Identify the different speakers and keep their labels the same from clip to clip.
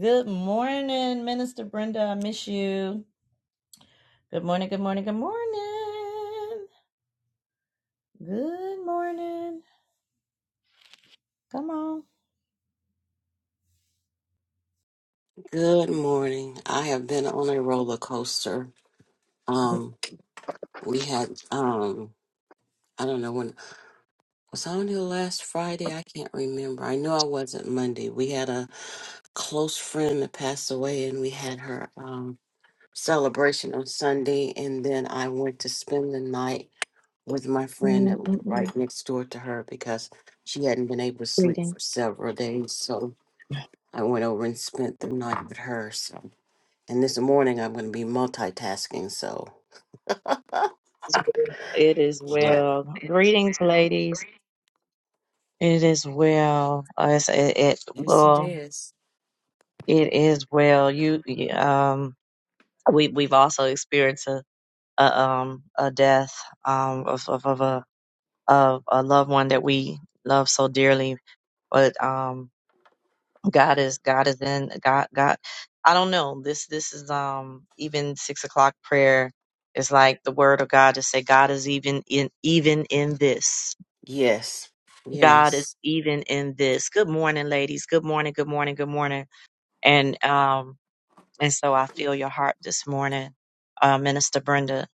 Speaker 1: Good morning, Minister Brenda. I miss you. Good morning, good morning, good morning. Good morning. Come on.
Speaker 2: Good morning. I have been on a roller coaster. Um, we had um, I don't know when was I on here last Friday. I can't remember. I know I wasn't Monday. We had a close friend that passed away, and we had her um celebration on Sunday, and then I went to spend the night with my friend that lived right next door to her because she hadn't been able to sleep for several days. So I went over and spent the night with her. So. And this morning I'm going to be multitasking. So,
Speaker 1: It is
Speaker 2: yeah.
Speaker 1: well. Greetings, ladies. It is well. Uh, It's, it, it
Speaker 2: Yes, it
Speaker 1: well.
Speaker 2: is.
Speaker 1: It is well. You you, um. We we've also experienced a, a um a death um of of, of a of a loved one that we love so dearly. But um God is God is in God God I don't know. This this is um even six o'clock prayer is like the word of God to say God is even in even in this.
Speaker 2: Yes.
Speaker 1: God is
Speaker 2: Yes.
Speaker 1: even in this. Good morning, ladies. Good morning, good morning, good morning. And um and so I feel your heart this morning, uh Minister Brenda.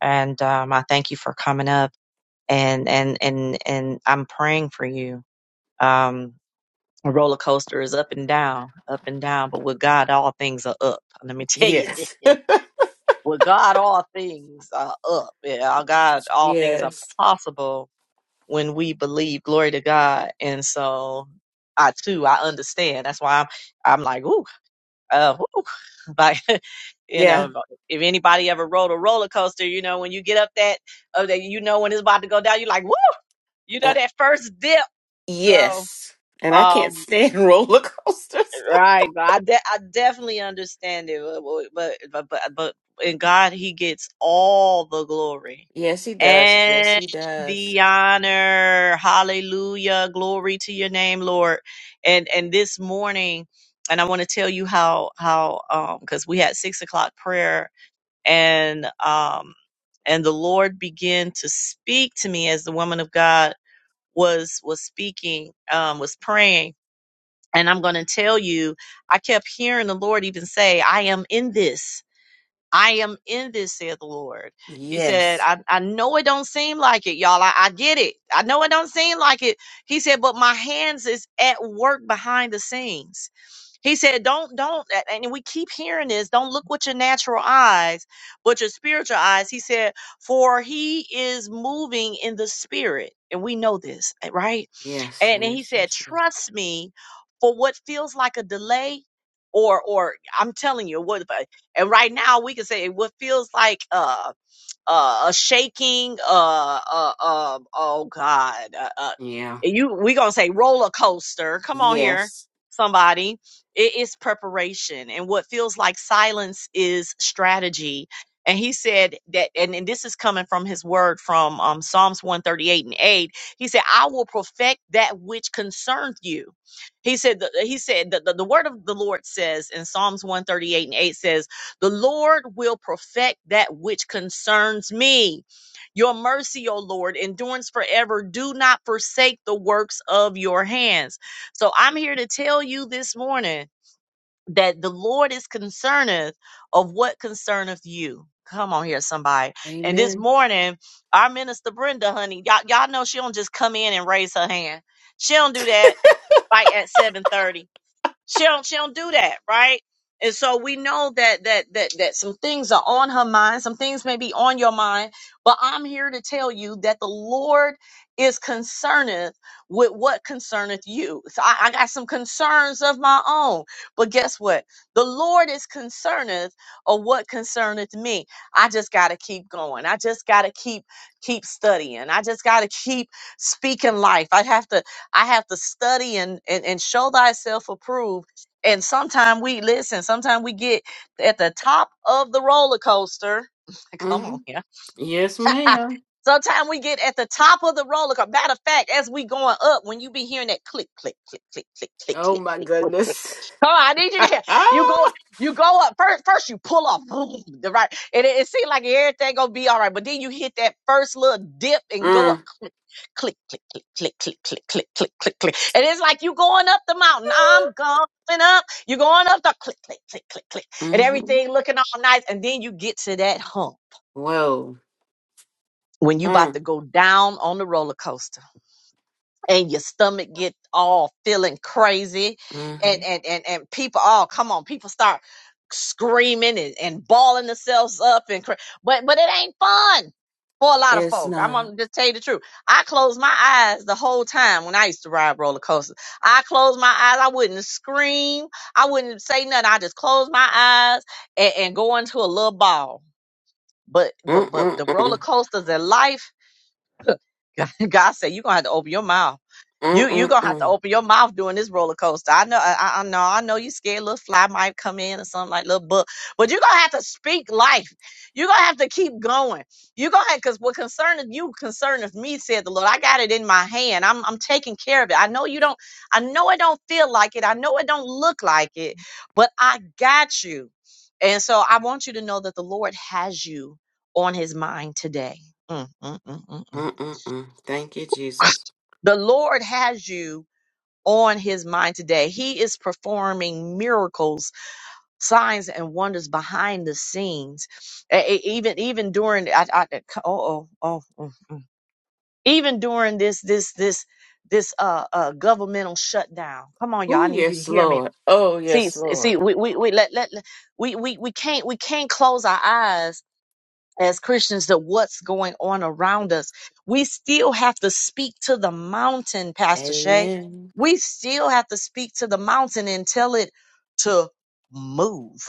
Speaker 1: And um I thank you for coming up and and and and I'm praying for you. Um A roller coaster is up and down, up and down, but with God, all things are up. Let me tell you
Speaker 2: Yes.
Speaker 1: this. With God, all things are up. Yeah, our God, all things are
Speaker 2: Yes.
Speaker 1: possible when we believe. Glory to God. And so I too, I understand. That's why I'm, I'm like, ooh, uh, ooh. Like, you
Speaker 2: yeah.
Speaker 1: know, if anybody ever rode a roller coaster, you know, when you get up that, oh, that you know when it's about to go down, you're like, woo, you know,
Speaker 2: Uh,
Speaker 1: that first dip. So,
Speaker 2: yes. And I can't
Speaker 1: um.
Speaker 2: stand roller coasters.
Speaker 1: Right, but I de- I definitely understand it, but but but but, but in God He gets all the glory
Speaker 2: Yes, he does. Yes,
Speaker 1: and
Speaker 2: he does.
Speaker 1: the honor. Hallelujah, glory to Your name, Lord. And and this morning, and I want to tell you how how um because we had six o'clock prayer and um and the Lord began to speak to me as the woman of God was was speaking um was praying and I'm going to tell you, I kept hearing the Lord even say, I am in this. I am in this, said the Lord. He said,
Speaker 2: yes.
Speaker 1: I, I know it don't seem like it, y'all. I, I get it. I know it don't seem like it. He said, but my hands is at work behind the scenes. He said, don't, don't, and we keep hearing this. Don't look with your natural eyes, but your spiritual eyes. He said, for he is moving in the spirit. And we know this, eh, right?
Speaker 2: Yes.
Speaker 1: and, and he
Speaker 2: Yes.
Speaker 1: said
Speaker 2: Yes. Yes.
Speaker 1: trust me for what feels like a delay or or i'm telling you what and right now we can say what feels like uh uh, a shaking, uh, uh, um, oh God, uh, uh,
Speaker 2: Yeah.
Speaker 1: you, we gonna say roller coaster. Come on here,
Speaker 2: Yes.
Speaker 1: somebody. It is preparation, and what feels like silence is strategy. And he said that, and, and this is coming from his word from um, Psalms 138 and 8. He said, I will perfect that which concerned you. He said, the, he said, the, the, the word of the Lord says in Psalms 138 and 8 says, the Lord will perfect that which concerns me. Your mercy, O Lord, endurance forever. Do not forsake the works of your hands. So I'm here to tell you this morning that the Lord is concerneth of what concerneth you. Come on here, somebody. And this
Speaker 2: Amen.
Speaker 1: morning, our minister Brenda, honey, y'all, y'all know she don't just come in and raise her hand. She don't do that right at 7:30. She don't she don't do that, right? And so we know that that that that some things are on her mind, some things may be on your mind, but I'm here to tell you that the Lord is concerneth with what concerneth you. So I, I got some concerns of my own, but guess what? The Lord is concerneth of what concerneth me. I just gotta keep going. I just gotta keep keep studying. I just gotta keep speaking life. I have to I have to study and, and, and show thyself approved. And sometimes we listen, sometimes we get at the top of the roller coaster. Come
Speaker 2: Mm-hmm.
Speaker 1: on here.
Speaker 2: Yes, ma'am.
Speaker 1: sometimes we get at the top of the roller coaster. Matter of fact, as we going up, when you be hearing that click, click, click, click, click, click,
Speaker 2: Oh,
Speaker 1: click,
Speaker 2: my
Speaker 1: click, click.
Speaker 2: goodness.
Speaker 1: Come on, I need you to. You go, you go up first. First, you pull off, right? And it, it seemed like everything gonna be all right, but then you hit that first little dip and go up,
Speaker 2: mm.
Speaker 1: click, click, click, click, click, click, click, click, click, click, click. And it's like you going up the mountain. I'm going up. You're going up the click, click, click, click, click, and
Speaker 2: Mm-hmm.
Speaker 1: everything looking all nice. And then you get to that hump
Speaker 2: Whoa.
Speaker 1: when you
Speaker 2: Mm.
Speaker 1: about to go down on the roller coaster and your stomach get all feeling crazy and
Speaker 2: Mm-hmm.
Speaker 1: and and, and people oh come on people start screaming and, and balling themselves up and cra- but but it ain't fun for a lot of
Speaker 2: It's
Speaker 1: folk i'm
Speaker 2: not.
Speaker 1: gonna just tell you the truth i closed my eyes the whole time when i used to ride roller coasters i closed my eyes i wouldn't scream i wouldn't say nothing i just closed my eyes and, and go into a little ball but but but the roller
Speaker 2: Mm-mm-mm.
Speaker 1: coasters in life God said you're gonna have to open your mouth. You you're gonna have to
Speaker 2: Mm-mm-mm.
Speaker 1: open your mouth during this roller coaster. I know I, I I know I know you scared little fly might come in or something like little book, but you're gonna have to speak life. You're gonna have to keep going. You're gonna have because what concerneth you concerneth me, said the Lord. I got it in my hand. I'm I'm taking care of it. I know you don't, I know it don't feel like it, I know it don't look like it, but I got you. And so I want you to know that the Lord has you on his mind today. Mm, mm, mm, mm, mm.
Speaker 2: Mm-mm-mm. Thank you, Jesus.
Speaker 1: The Lord has you on his mind today. He is performing miracles, signs, and wonders behind the scenes. E- e- Even even during I, I, oh, oh, oh, mm, mm. even during this this this this uh, uh governmental shutdown. Come on, y'all.
Speaker 2: Oh,
Speaker 1: I need you to
Speaker 2: yes,
Speaker 1: hear me.
Speaker 2: Lord. Oh,
Speaker 1: See,
Speaker 2: yes, Lord.
Speaker 1: see, we we, we let, let let- we, we we can't we can't close our eyes as Christians to what's going on around us. We still have to speak to the mountain, Pastor Shay.
Speaker 2: Amen.
Speaker 1: We still have to speak to the mountain and tell it to move.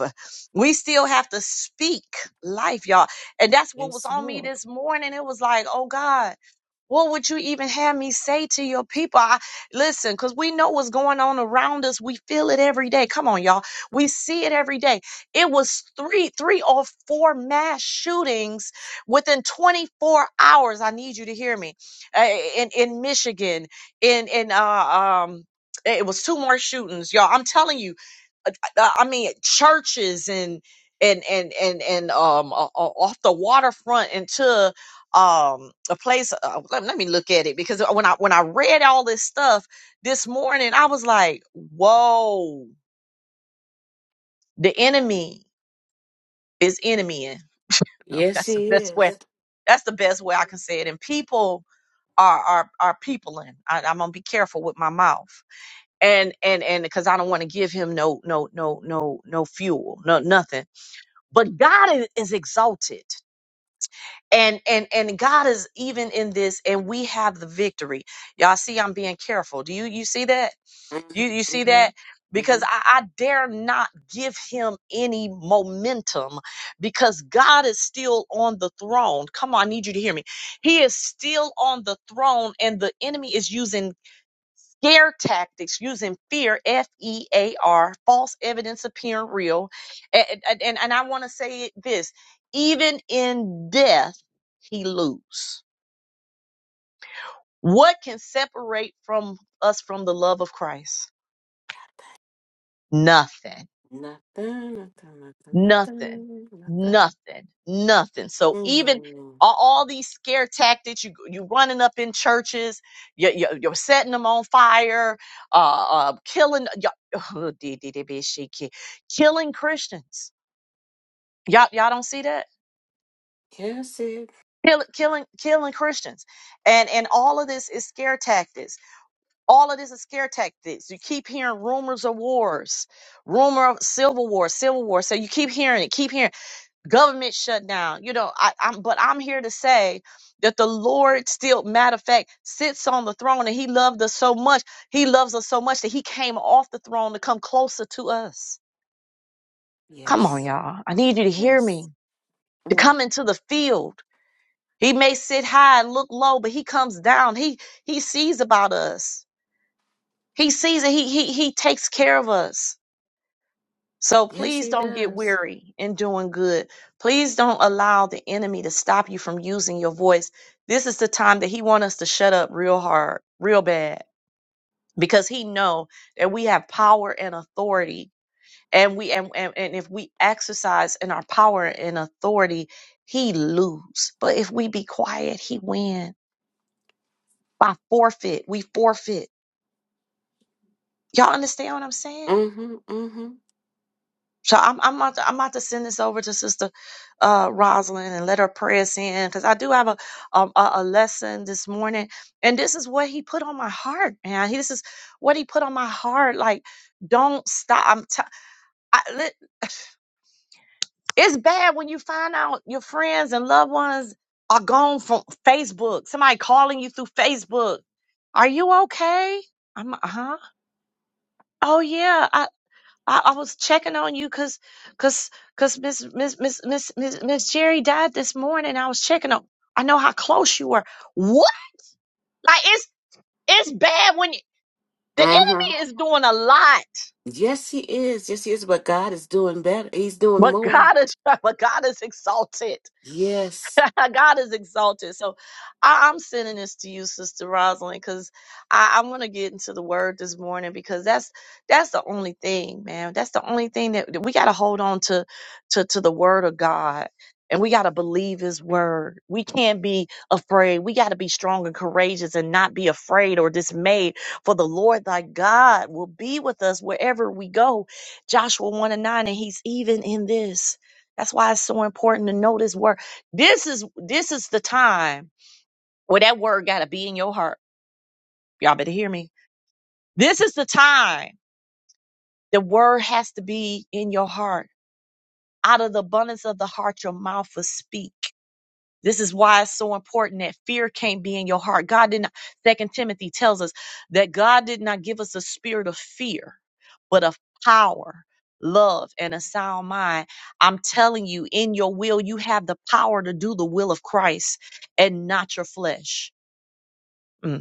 Speaker 1: We still have to speak life, y'all. And that's what was
Speaker 2: Yes,
Speaker 1: on me
Speaker 2: Lord.
Speaker 1: this morning. It was like, oh God. What would you even have me say to your people? I, listen, because we know what's going on around us. We feel it every day. Come on, y'all. We see it every day. It was three, three or four mass shootings within 24 hours. I need you to hear me. Uh, in in Michigan, in in uh, um, it was two more shootings, y'all. I'm telling you, uh, uh, I mean, churches and and and and and um, uh, uh, off the waterfront into um a place uh, let, let me look at it because when i when i read all this stuff this morning i was like whoa the enemy is enemying Oh,
Speaker 2: Yes,
Speaker 1: that's the
Speaker 2: He
Speaker 1: best
Speaker 2: is.
Speaker 1: way that's the best way i can say it and people are are are peopling I, i'm gonna be careful with my mouth and and and because i don't want to give him no no no no no fuel no nothing but god is, is exalted and and and god is even in this and we have the victory y'all see i'm being careful do you you see that you you
Speaker 2: Mm-hmm.
Speaker 1: see that
Speaker 2: Mm-hmm. Mm-hmm.
Speaker 1: because I, I dare not give him any momentum because God is still on the throne. Come on, I need you to hear me. He is still on the throne, and the enemy is using scare tactics using fear, F E A R, false evidence appearing real. And, and, and I want to say this even in death, he lose. What can separate from us from the love of Christ? Nothing.
Speaker 2: Nothing, nothing, nothing,
Speaker 1: Nothing,
Speaker 2: nothing, nothing.
Speaker 1: nothing, nothing. So even
Speaker 2: Mm-hmm.
Speaker 1: all, all these scare tactics, you you running up in churches, you, you, you're setting them on fire, uh, uh killing, y'all- oh, dee, dee, dee, bee, she, ki- killing Christians. Y'all, y'all don't see that?
Speaker 2: Yes, it.
Speaker 1: Kill, killing, killing Christians, and and all of this is scare tactics. All of this is scare tactics. You keep hearing rumors of wars, rumor of civil war, civil war. So you keep hearing it, keep hearing. government shutdown. You know, I, I'm but I'm here to say that the Lord still, matter of fact, sits on the throne and he loved us so much. He loves us so much that he came off the throne to come closer to us. Come on,
Speaker 2: Yes.
Speaker 1: y'all. I need you to hear
Speaker 2: Yes.
Speaker 1: me. To
Speaker 2: Mm.
Speaker 1: come into the field. He may sit high and look low, but he comes down. He he sees about us. He sees it. He he he takes care of us. So
Speaker 2: Yes,
Speaker 1: please
Speaker 2: He
Speaker 1: don't get
Speaker 2: does.
Speaker 1: weary in doing good. Please don't allow the enemy to stop you from using your voice. This is the time that he wants us to shut up real hard, real bad, because he know that we have power and authority. And we and, and, and if we exercise in our power and authority, he lose. But if we be quiet, he win. By forfeit, we forfeit. Y'all understand what I'm saying?
Speaker 2: Mm-hmm. Mm-hmm.
Speaker 1: So I'm I'm about to, I'm about to send this over to Sister uh, Rosalind and let her pray us in because I do have a, um, a a lesson this morning, and this is what he put on my heart, man. He- This is what he put on my heart. Like, don't stop. I'm t- I, li- it's bad when you find out your friends and loved ones are gone from Facebook. Somebody calling you through Facebook. Are you okay? I'm huh? Oh yeah. I, I was checking on you because cause, cause 'cause Miss Miss Miss Miss Miss Miss Jerry died this morning. I was checking on. I know how close you were. What? Like it's it's bad when you, the
Speaker 2: Mm-hmm.
Speaker 1: enemy is doing a lot.
Speaker 2: Yes, He is. Yes, He is. But God is doing better. He's doing
Speaker 1: But
Speaker 2: more.
Speaker 1: God is but God is exalted.
Speaker 2: Yes,
Speaker 1: God is exalted. So I, I'm sending this to you, Sister Rosalind, because I, I want to get into the word this morning because that's that's the only thing, man. That's the only thing that, that we gotta hold on to to to the word of God. And we gotta believe his word. We can't be afraid. We gotta be strong and courageous and not be afraid or dismayed. For the Lord thy God will be with us wherever we go Joshua 1 and 9, and he's even in this. That's why it's so important to know this word. This is this is the time where that word gotta be in your heart. Y'all better hear me. This is the time the word has to be in your heart. Out of the abundance of the heart, your mouth will speak. This is why it's so important that fear can't be in your heart. God did not, Second Timothy tells us that God did not give us a spirit of fear, but of power, love, and a sound mind. I'm telling you, in your will, you have the power to do the will of Christ and not your flesh. Mm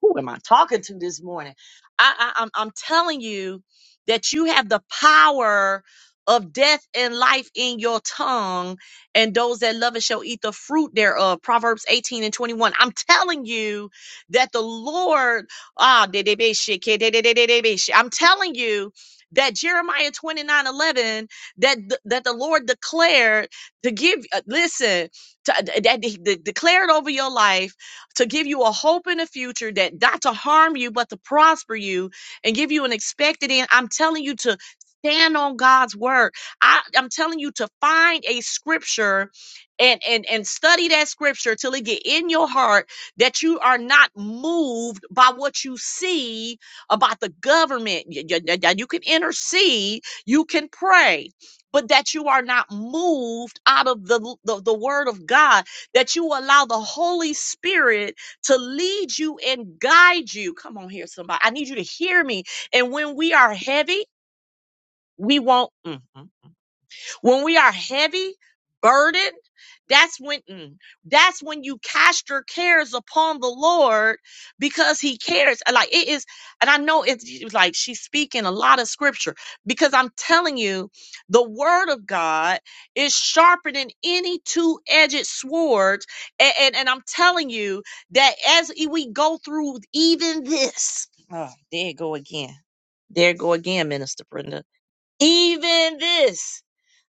Speaker 1: who am I talking to this morning? I, I I'm I'm telling you that you have the power of death and life in your tongue, and those that love it shall eat the fruit thereof. Proverbs 18 and 21. I'm telling you that the Lord, ah, de- de- be- shit kid de- de- de- de- de- be- shit. I'm telling you that Jeremiah 29 11 that, th- that the Lord declared to give, uh, listen, to, uh, that he de- declared over your life to give you a hope in the future that not to harm you, but to prosper you and give you an expected end. I'm telling you to stand on God's word. I, I'm telling you to find a scripture and, and, and study that scripture till it get in your heart that you are not moved by what you see about the government. Y- y- y- You can intercede, you can pray, but that you are not moved out of the, the, the word of God that you allow the Holy Spirit to lead you and guide you. Come on here, somebody. I need you to hear me. And when we are heavy, we won't. Mm, mm, when we are heavy burdened that's when mm, that's when you cast your cares upon the lord because he cares And, like it is and i know it's she was like she's speaking a lot of scripture because i'm telling you the word of god is sharper than any two-edged sword and and, and i'm telling you that as e, we go through even this oh there it go again there it go again minister brenda even this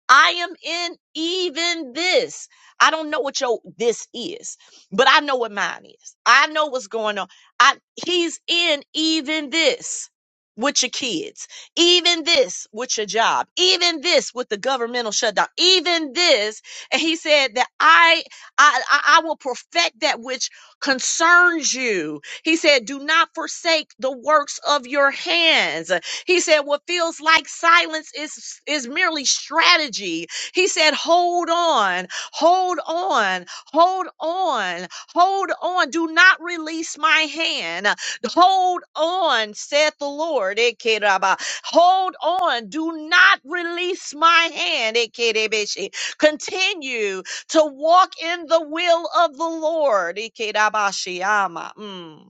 Speaker 1: I am in even this. I don't know what your this is, but I know what mine is. I know what's going on. I he's in even this with your kids, even this with your job, even this with the governmental shutdown, even this. And he said that I I I I will perfect that which concerns you. He said, do not forsake the works of your hands. He said, What feels like silence is, is merely strategy. He said, Hold on, hold on, hold on, hold on. Do not release my hand. Hold on, saith the Lord. Ekeraba. Hold on. Do not release my hand. Ekerebeshi. Continue to walk in the will of the Lord. Ekerabashiyama. Mm.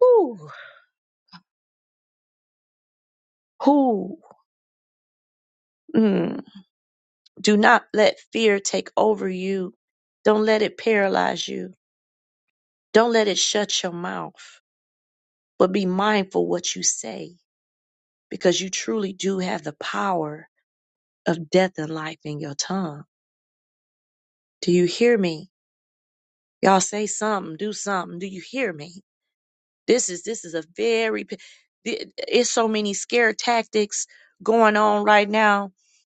Speaker 1: Whew. Whew. Mm. Do not let fear take over you. Don't let it paralyze you. Don't let it shut your mouth. But be mindful what you say because you truly do have the power of death and life in your tongue. Do you hear me? Y'all say something, do something. Do you hear me? This is this is a very p- th- it's so many scare tactics going on right now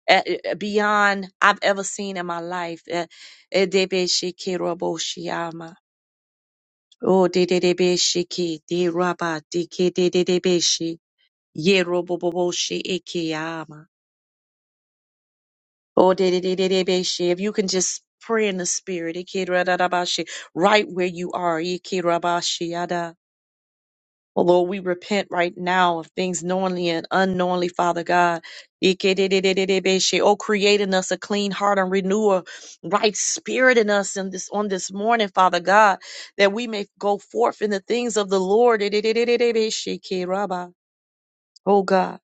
Speaker 1: uh, uh, beyond I've ever seen in my life. Uh, eh, debe shikiroboshiama. Oh, de de de be shiki, de raba, de ke de de de be shi, ye robo bo bo shi eke yama. Oh, de de de de de be shi. If you can just pray in the spirit, eke ra da da ba shi, right where you are, eke raba shi yada. Oh Lord, we repent right now of things knowingly and unknowingly, Father God. Ikedididididibeshe. Oh, create in us a clean heart and renew a right spirit in us in this on this morning, Father God, that we may go forth in the things of the Lord. Idididididibeshe. Keraba. Oh God,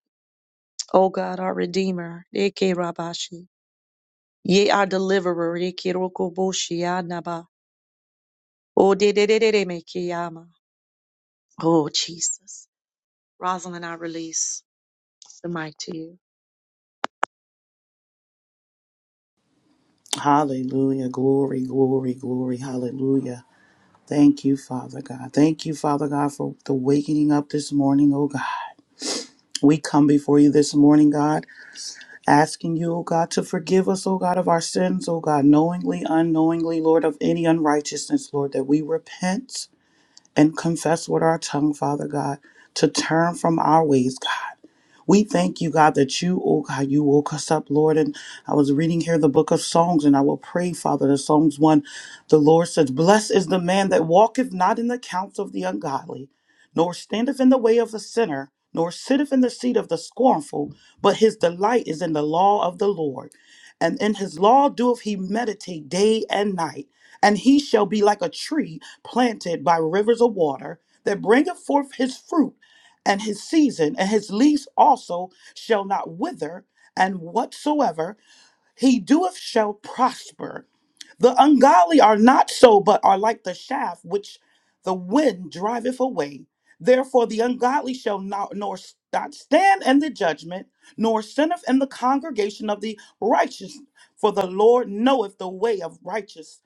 Speaker 1: oh God, our Redeemer. Ikerabashi. Ye our deliverer. Ikerokoboshi anaba. Oh dididididimekiyama. Oh Jesus. Rosalind, I release the mic to you.
Speaker 3: Hallelujah. Glory, glory, glory. Hallelujah. Thank you, Father God. Thank you, Father God, for the waking up this morning, oh God. We come before you this morning, God, asking you, oh God, to forgive us, oh God, of our sins, oh God, knowingly, unknowingly, Lord, of any unrighteousness, Lord, that we repent and confess with our tongue, Father God, to turn from our ways, God. We thank you, God, that you, oh God, you woke us up, Lord. And I was reading here the book of Psalms, and I will pray, Father, the Psalms 1. The Lord says, Blessed is the man that walketh not in the counsel of the ungodly, nor standeth in the way of the sinner, nor sitteth in the seat of the scornful, but his delight is in the law of the Lord. And in his law doeth he meditate day and night. And he shall be like a tree planted by rivers of water that bringeth forth his fruit and his season, and his leaves also shall not wither, and whatsoever he doeth shall prosper. The ungodly are not so, but are like the shaft which the wind driveth away. Therefore, the ungodly shall not nor s- not stand in the judgment, nor sinneth in the congregation of the righteous. For the Lord knoweth the way of righteousness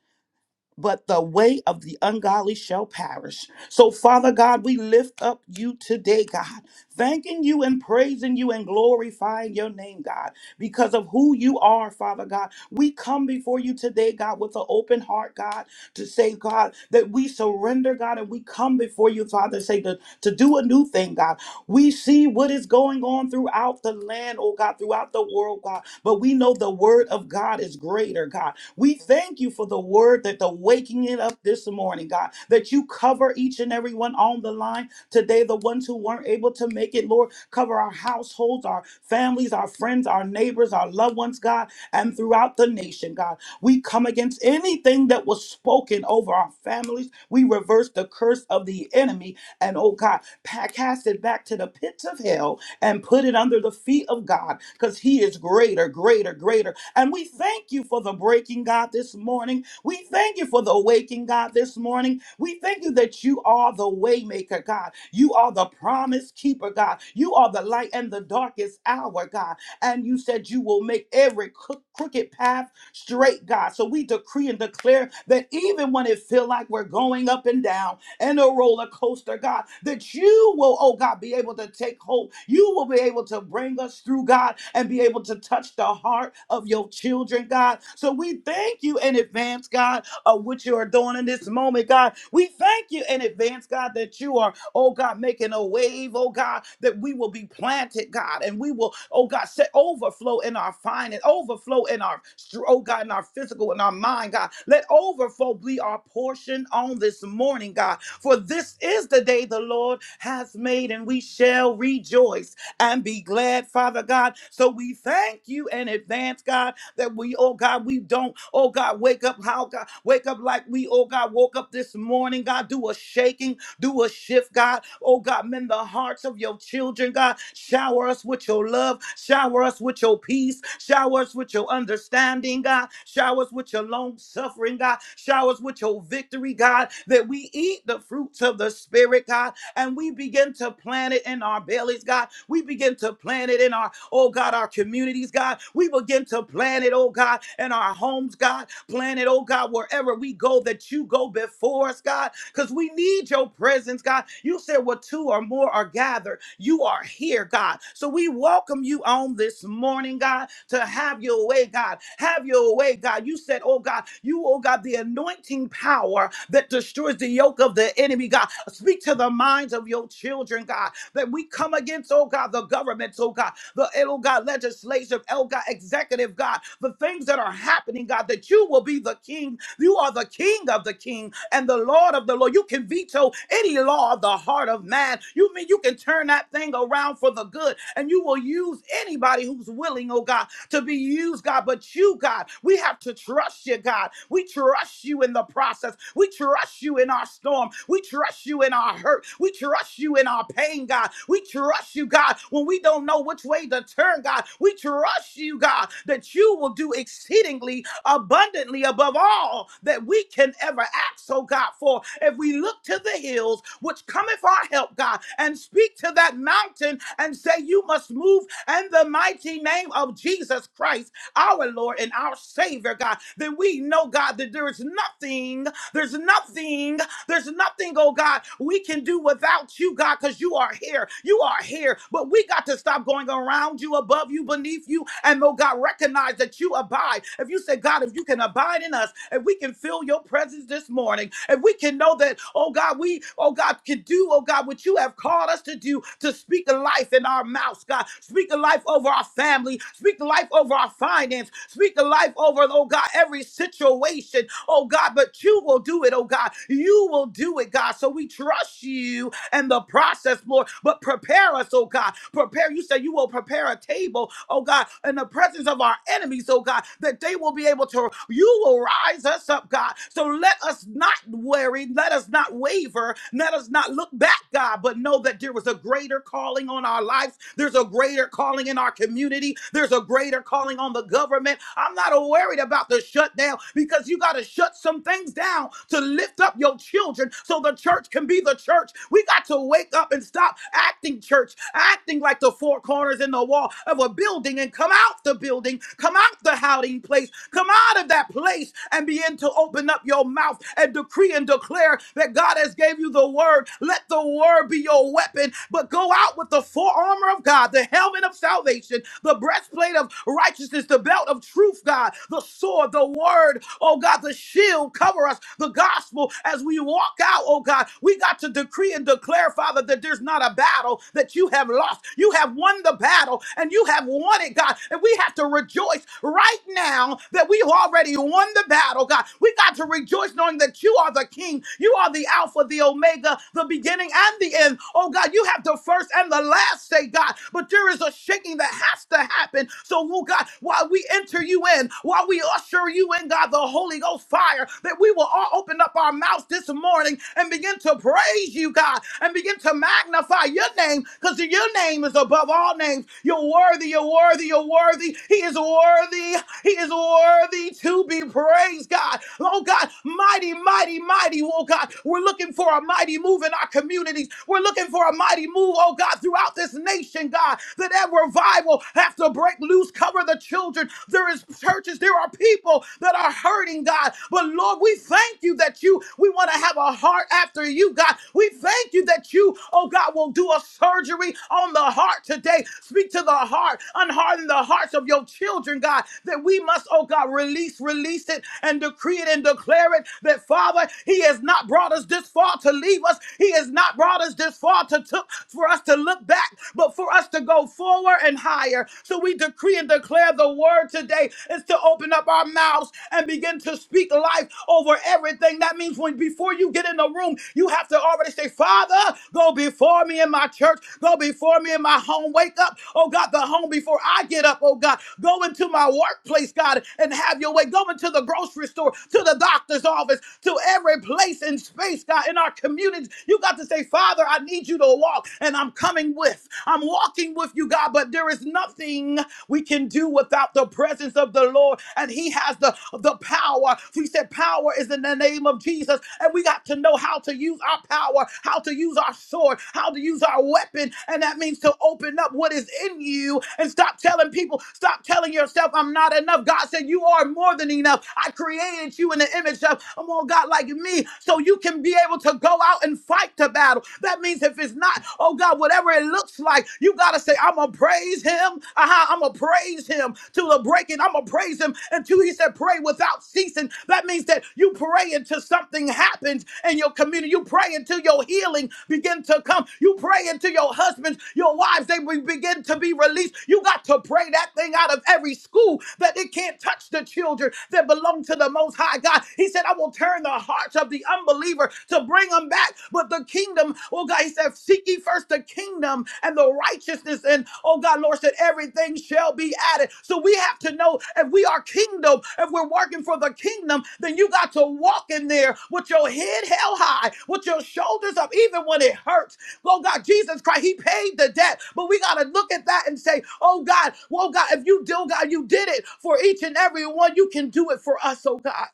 Speaker 3: but the way of the ungodly shall perish. So, Father God, we lift up you today, God, thanking you and praising you and glorifying your name, God, because of who you are, Father God. We come before you today, God, with an open heart, God, to say, God, that we surrender, God, and we come before you, Father, say to, to do a new thing, God. We see what is going on throughout the land, oh God, throughout the world, God, but we know the word of God is greater, God. We thank you for the word that the waking it up this morning, God, that you cover each and every one on the line today, the ones who weren't able to make it, Lord, cover our households, our families, our friends, our neighbors, our loved ones, God, and throughout the nation, God. We come against anything that was spoken over our families. We reverse the curse of the enemy and, oh God, pa- cast it back to the pits of hell and put it under the feet of God because He is greater, greater, greater, and we thank you for the breaking, God, this morning. We thank you for the waking, God, this morning. We thank you that you are the waymaker, God. You are the promise keeper, God. You are the light and the darkest hour, God. And you said you will make every crook- crooked path straight, God. So we decree and declare that even when it feel like we're going up and down, and a roller coaster, God, that you will, oh God, be able to take hold. You will be able to bring us through, God, and be able to touch the heart of your children, God. So we thank you in advance, God, of what you are doing in this moment, God. We thank you in advance, God, that you are, oh God, making a wave, oh God, that we will be planted, God, and we will, oh God, set overflow in our finance, overflow in our, str- oh God, in our physical, in our mind, God. Let overflow be our portion on this morning, God. For this is the day the Lord has made, and we shall rejoice and be glad, Father God. So we thank you in advance, God, that we, oh God, we don't, oh God, wake up, how God, wake up like we, oh God, woke up this morning, God, do a shaking. Do a shift, God. Oh, God, mend the hearts of your children, God. Shower us with your love. Shower us with your peace. Shower us with your understanding, God. Shower us with your long suffering, God. Shower us with your victory, God, that we eat the fruits of the Spirit, God and we begin to plant it in our bellies, God. We begin to plant it in our, oh God, our communities, God. We begin to plant it, oh God, in our homes, God. Plant it, oh God, wherever we go, that you go before us, God, because we need your presence, God. You said, where two or more are gathered, you are here, God. So we welcome you on this morning, God, to have your way, God. Have your way, God. You said, oh God, you, oh God, the anointing anointing power that destroys the yoke of the enemy, God. Speak to the minds of your children, God, that we come against, oh God, the governments, oh God, the, oh God, legislative, oh God, executive, God, the things that are happening, God, that you will be the king. You are the king of the king and the Lord of the Lord. You can veto any law of the heart of man. You mean you can turn that thing around for the good and you will use anybody who's willing, oh God, to be used, God. But you, God, we have to trust you, God. We trust you in the process. We trust you in our storm. We trust you in our hurt. We trust you in our pain, God. We trust you, God, when we don't know which way to turn, God. We trust you, God, God, that you will do exceedingly abundantly above all that we can ever ask, oh God, for if we look to the hills, which cometh our help, God, and speak to that mountain and say, You must move in the mighty name of Jesus Christ, our Lord and our Savior, God, then we know, God, that there is nothing, there's nothing. There's nothing, oh God, we can do without you, God, because you are here. You are here. But we got to stop going around you, above you, beneath you, and oh God, recognize that you abide. If you say, God, if you can abide in us, if we can feel your presence this morning, if we can know that, oh God, we we, oh God, can do, oh God, what you have called us to do, to speak the life in our mouths, God. Speak the life over our family. Speak the life over our finance. Speak the life over, oh God, every situation, oh God. But you will do it, oh God. You will do it, God. So we trust you and the process, Lord. But prepare us, oh God. Prepare. You said you will prepare a table, oh God, in the presence of our enemies, oh God, that they will be able to, you will rise us up, God. So let us not worry. Let us not waver. Let us not look back, God, but know that there was a greater calling on our lives. There's a greater calling in our community. There's a greater calling on the government. I'm not worried about the shutdown because you got to shut some things down to lift up your children so the church can be the church. We got to wake up and stop acting church, acting like the four corners in the wall of a building and come out the building, come out the hiding place, come out of that place and begin to open up your mouth and decree and declare that God has gave you the word. Let the word be your weapon, but go out with the full armor of God, the helmet of salvation, the breastplate of righteousness, the belt of truth, God, the sword sword, the word, oh God, the shield cover us, the gospel as we walk out, oh God. We got to decree and declare, Father, that there's not a battle that you have lost. You have won the battle and you have won it, God. And we have to rejoice right now that we've already won the battle, God. We got to rejoice knowing that you are the King. You are the Alpha, the Omega, the beginning and the end. Oh God, you have the first and the last say, God. But there is a shaking that has to happen happen. So, oh God, while we enter you in, while we usher you in, God, the Holy Ghost fire, that we will all open up our mouths this morning and begin to praise you, God, and begin to magnify your name, because your name is above all names. You're worthy, you're worthy, you're worthy. He is worthy, he is worthy to be praised, God. Oh God, mighty, mighty, mighty, oh God. We're looking for a mighty move in our communities. We're looking for a mighty move, oh God. God, throughout this nation, God, that that revival have to break loose, cover the children. There is churches, there are people that are hurting, God. But Lord, we thank you that you, we want to have a heart after you, God. We thank you that you, oh God, will do a surgery on the heart today. Speak to the heart, unharden the hearts of your children, God, that we must, oh God, release, release it and decree it and declare it that, Father, He has not brought us this far to to leave us. He has not brought us this far to took for us to look back, but for us to go forward and higher. So we decree and declare the word today is to open up our mouths and begin to speak life over everything. That means when before you get in the room, you have to already say, Father, go before me in my church, go before me in my home. Wake up, oh God, the home before I get up, oh God. Go into my workplace, God, and have your way. Go into the grocery store, to the doctor's office, to every place in space, God, in our communities. You got to say, Father, I need you to walk, and I'm coming with. I'm walking with you, God, but there is nothing we can do without the presence of the Lord, and He has the, the power. He said, Power is in the name of Jesus, and we got to know how to use our power, how to use our sword, how to use our weapon, and that means to open up what is in you and stop telling people, stop telling yourself, I'm not not enough. God said, You are more than enough. I created you in the image of, a more God, like me, so you can be able to go out and fight the battle. That means if it's not, oh God, whatever it looks like, you got to say, I'm going to praise him. Uh-huh, I'm going to praise him till the breaking. I'm going to praise him until he said, Pray without ceasing. That means that you pray until something happens in your community. You pray until your healing begin to come. You pray until your husbands, your wives, they be- begin to to be released. You got to pray that thing out of every school that it can't touch the children that belong to the Most High God. He said, I will turn the hearts of the unbeliever to bring them back. But the kingdom, oh God, he said, seek ye first the kingdom and the righteousness. And oh God, Lord said, everything shall be added. So we have to know if we are kingdom, if we're working for the kingdom, then you got to walk in there with your head held high, with your shoulders up, even when it hurts Lord God, Jesus Christ, He paid the debt. But we got to look at that and say, oh God, well, God, if you do, God, you did it for each and every one. You can do it for us, oh God.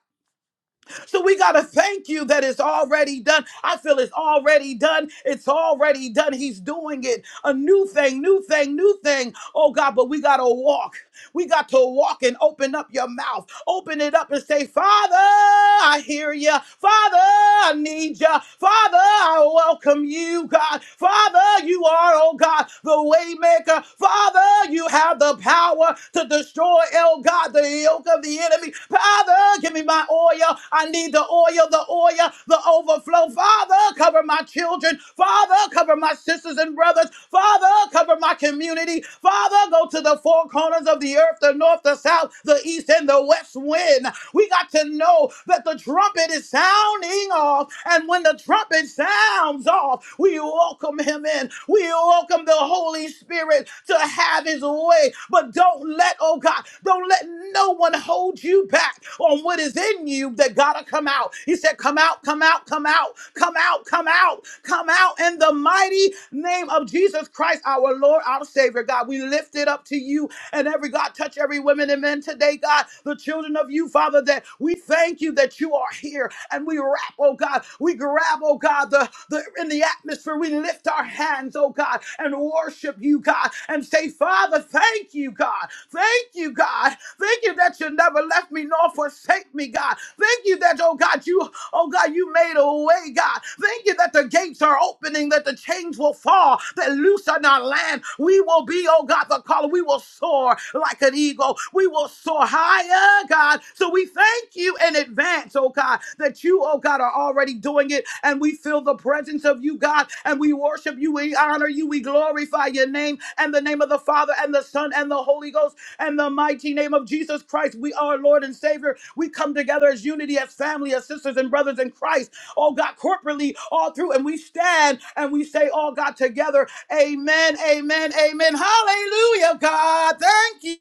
Speaker 3: So we got to thank you that it's already done. I feel it's already done. It's already done. He's doing it. A new thing, new thing, new thing. Oh God, but we got to walk. We got to walk and open up your mouth. Open it up and say, Father, I hear you. Father, I need you. Father, I welcome you, God. Father, you are, oh God, the waymaker. Father, you have the power to destroy, oh God, the the yoke of the enemy. Father, give me my oil. I need the oil, the oil, the overflow. Father, cover my children. Father, cover my sisters and brothers. Father, cover my community. Father, go to the four corners of the earth, the north, the south, the east, and the west wind. We got to know that the trumpet is sounding off. And when the trumpet sounds off, we welcome him in. We welcome the Holy Spirit to have his way. But don't let, oh God, don't let no one hold you back on what is in you that got to come out. He said, Come out, come out, come out, come out, come out, come out in the mighty name of Jesus Christ, our Lord. Lord, our Savior, God. We lift it up to you and every God, touch every woman and men today, God, the children of you, Father, that we thank you that you are here and we wrap, oh God, we grab, oh God, the, the in the atmosphere, we lift our hands, oh God, and worship you, God, and say, Father, thank you, God, thank you, God, thank you that you never left me nor forsake me, God, thank you that, oh God, you, oh God oh God, you made a way, God. Thank you that the gates are opening, that the chains will fall, that loose on our land. We will be, oh God, the caller. We will soar like an eagle. We will soar higher, God. So we thank you in advance, oh God, that you, oh God, are already doing it. And we feel the presence of you, God. And we worship you. We honor you. We glorify your name and the name of the Father and the Son and the Holy Ghost and the mighty name of Jesus Christ, we are Lord and Savior. We come together as unity, as family, as sisters and brothers in Christ. Oh God, corporately, all through, and we stand and we say, all God together. Amen, amen, amen. Hallelujah, God. Thank you.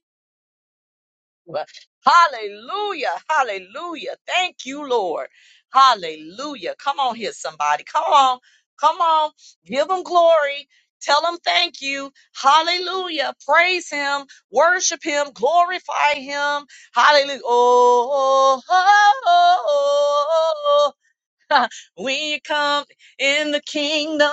Speaker 1: Hallelujah. Hallelujah. Thank you, Lord. Hallelujah. Come on. Come on. Come on. Give him glory. Tell him thank you. Hallelujah. Praise him. Worship him. Glorify him. Hallelujah. Oh, oh, oh, oh, oh, oh. When you come in the kingdom.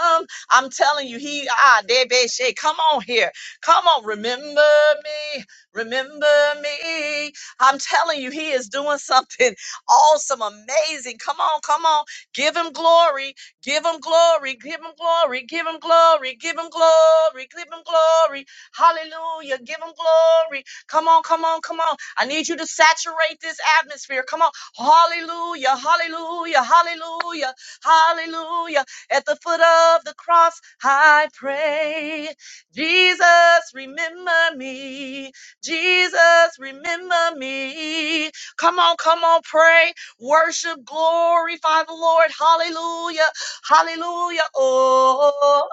Speaker 1: I'm telling you, he ah debe she. Come on here. Come on. Remember me. Remember me. I'm telling you, he is doing something awesome, amazing. Come on, come on. Give him glory. Give him glory. Give him glory. Give him glory. Give him glory. Give him glory. Hallelujah. Give him glory. Come on, come on, come on. I need you to saturate this atmosphere. Come on. Hallelujah, hallelujah, hallelujah, hallelujah. At the foot of the cross, I pray. Jesus, remember me. Jesus, remember me. Come on, come on, pray, worship, glorify the Lord. Hallelujah, hallelujah. Oh, oh,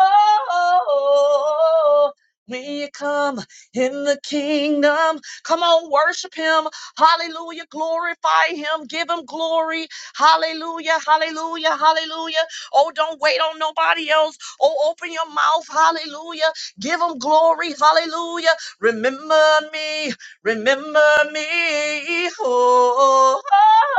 Speaker 1: oh, oh. when you come in the kingdom, come on, worship Him, Hallelujah. Glorify him. Give him glory. Hallelujah. Hallelujah. Hallelujah. Oh, don't wait on nobody else. Oh, open your mouth. Hallelujah. Give him glory. Hallelujah. Remember me. Remember me. Oh, oh,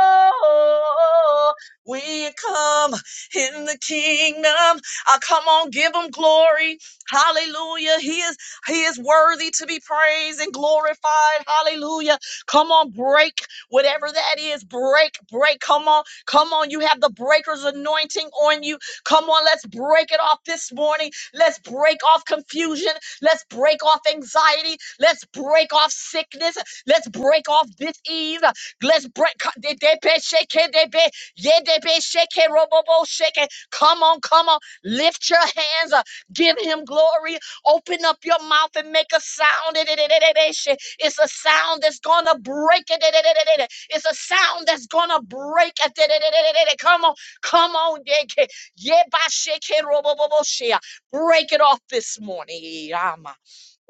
Speaker 1: oh, oh. when you come in the kingdom. I come on, give him glory. Hallelujah. He is he is worthy to be praised and glorified. Hallelujah. Come on, break whatever that is. Break, break. Come on, come on. You have the breaker's anointing on you. Come on, let's break it off this morning. Let's break off confusion. Let's break off anxiety. Let's break off sickness. Let's break off disease. Let's break. de- de- be- shake it, de- be- yeah, de- be- shake it, robo- bo- shake it. Come on, come on. Lift your hands. uh, Give him glory. Open up your mouth and make a sound. It's a sound that's gonna break it. It's a sound that's gonna break it. Come on, come on, Yeke. Yebashekeroboboboshea. break it off this morning. Yama.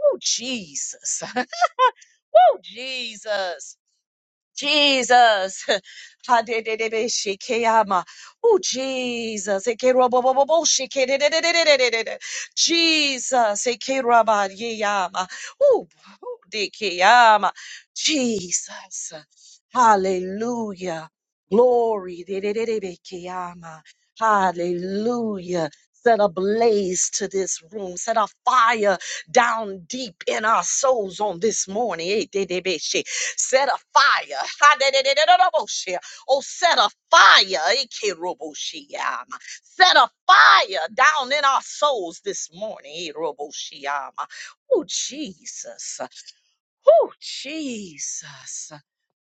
Speaker 1: Oh, Jesus. Oh, Jesus. Jesus. Ha-de-de-de-de-shikeyama. Oh, Jesus. Ekerobobobobo-shikede-de-de-de-de-de-de-de. de Jesus. Eke-ra-ba-ye-yama. Oh, de-ke-yama. Jesus. Hallelujah. Glory. Dedededebekeyama. Hallelujah. Set a blaze to this room. Set a fire down deep in our souls on this morning. Eh, dedebeshe. Set a fire. Ha, dededededoboshe. Oh, set a fire. Eh, keroboshiyama. Set a fire down in our souls this morning. Eh, roboshiyama. Oh, Jesus. Oh, Jesus.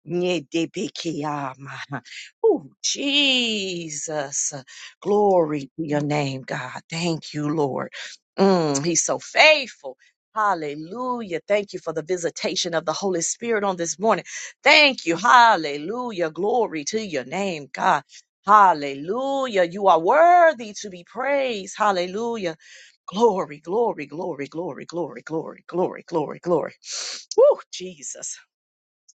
Speaker 1: Nyedebekiyama. Oh, Jesus. Glory to your name, God. Thank you, Lord. Mm, he's so faithful. Hallelujah. Thank you for the visitation of the Holy Spirit on this morning. Thank you. Hallelujah. Glory to your name, God. Hallelujah. You are worthy to be praised. Hallelujah. Glory, glory, glory, glory, glory, glory, glory, glory, glory. Woo, Jesus.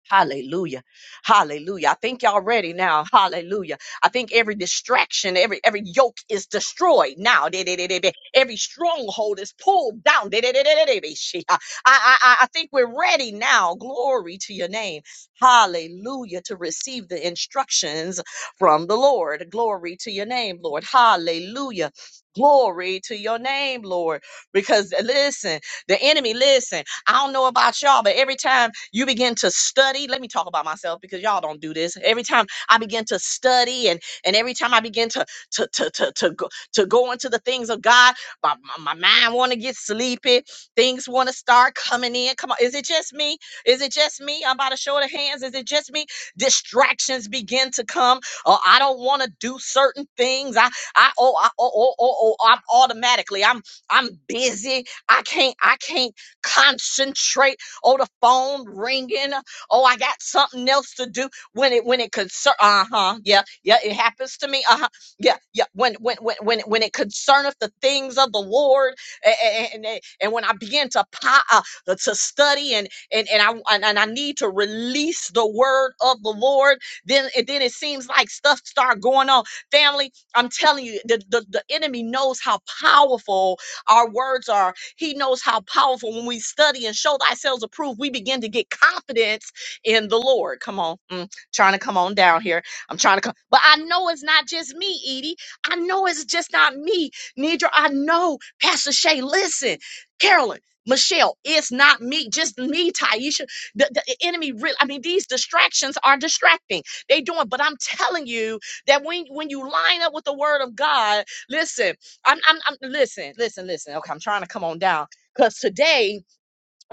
Speaker 1: Hallelujah. Hallelujah. I think y'all ready now. Hallelujah. I think every distraction, every every yoke is destroyed now. De- de- de- de- de- Every stronghold is pulled down. De- de- de- de- de- de- she- I, I, I I think we're ready now. Glory to your name. Hallelujah. To receive the instructions from the Lord. Glory to your name, Lord. Hallelujah. Glory to your name, Lord. Because uh, listen, the enemy, listen. I don't know about y'all, but every time you begin to study, let me talk about myself because y'all don't do this. Every time I begin to study and and every time I begin to to to to to go, to go into the things of God, my, my, my mind want to get sleepy. Things want to start coming in. Come on, is it just me? Is it just me? I'm about to show the hands. Is it just me? Distractions begin to come. Oh, I don't want to do certain things. I I oh I oh oh oh, oh I'm automatically I'm I'm busy. I can't I can't concentrate. Oh, the phone ringing. Oh, I got something else to do. When it when it concern, uh huh, yeah, yeah, it happens to me. Uh huh, yeah, yeah. When when when when when it concerneth the things of the Lord, a- a- and and, and when I begin to po- uh, to study and and and I and, and I need to release the word of the Lord, then it then it seems like stuff start going on. Family, I'm telling you, the the, the enemy knows how powerful our words are he knows how powerful when we study and show thyself approved, we begin to get confidence in the Lord. Come on, mm, trying to come on down here. I'm trying to come, but I know it's not just me, Edie. I know it's just not me, Nidra. I know, Pastor Shay. Listen, Carolyn. Michelle, it's not me, just me, Taisha. The, the enemy, re- I mean, these distractions are distracting. They doing, but I'm telling you that when when you line up with the Word of God, listen. I'm, I'm, I'm listen, listen, listen. Okay, I'm trying to come on down because today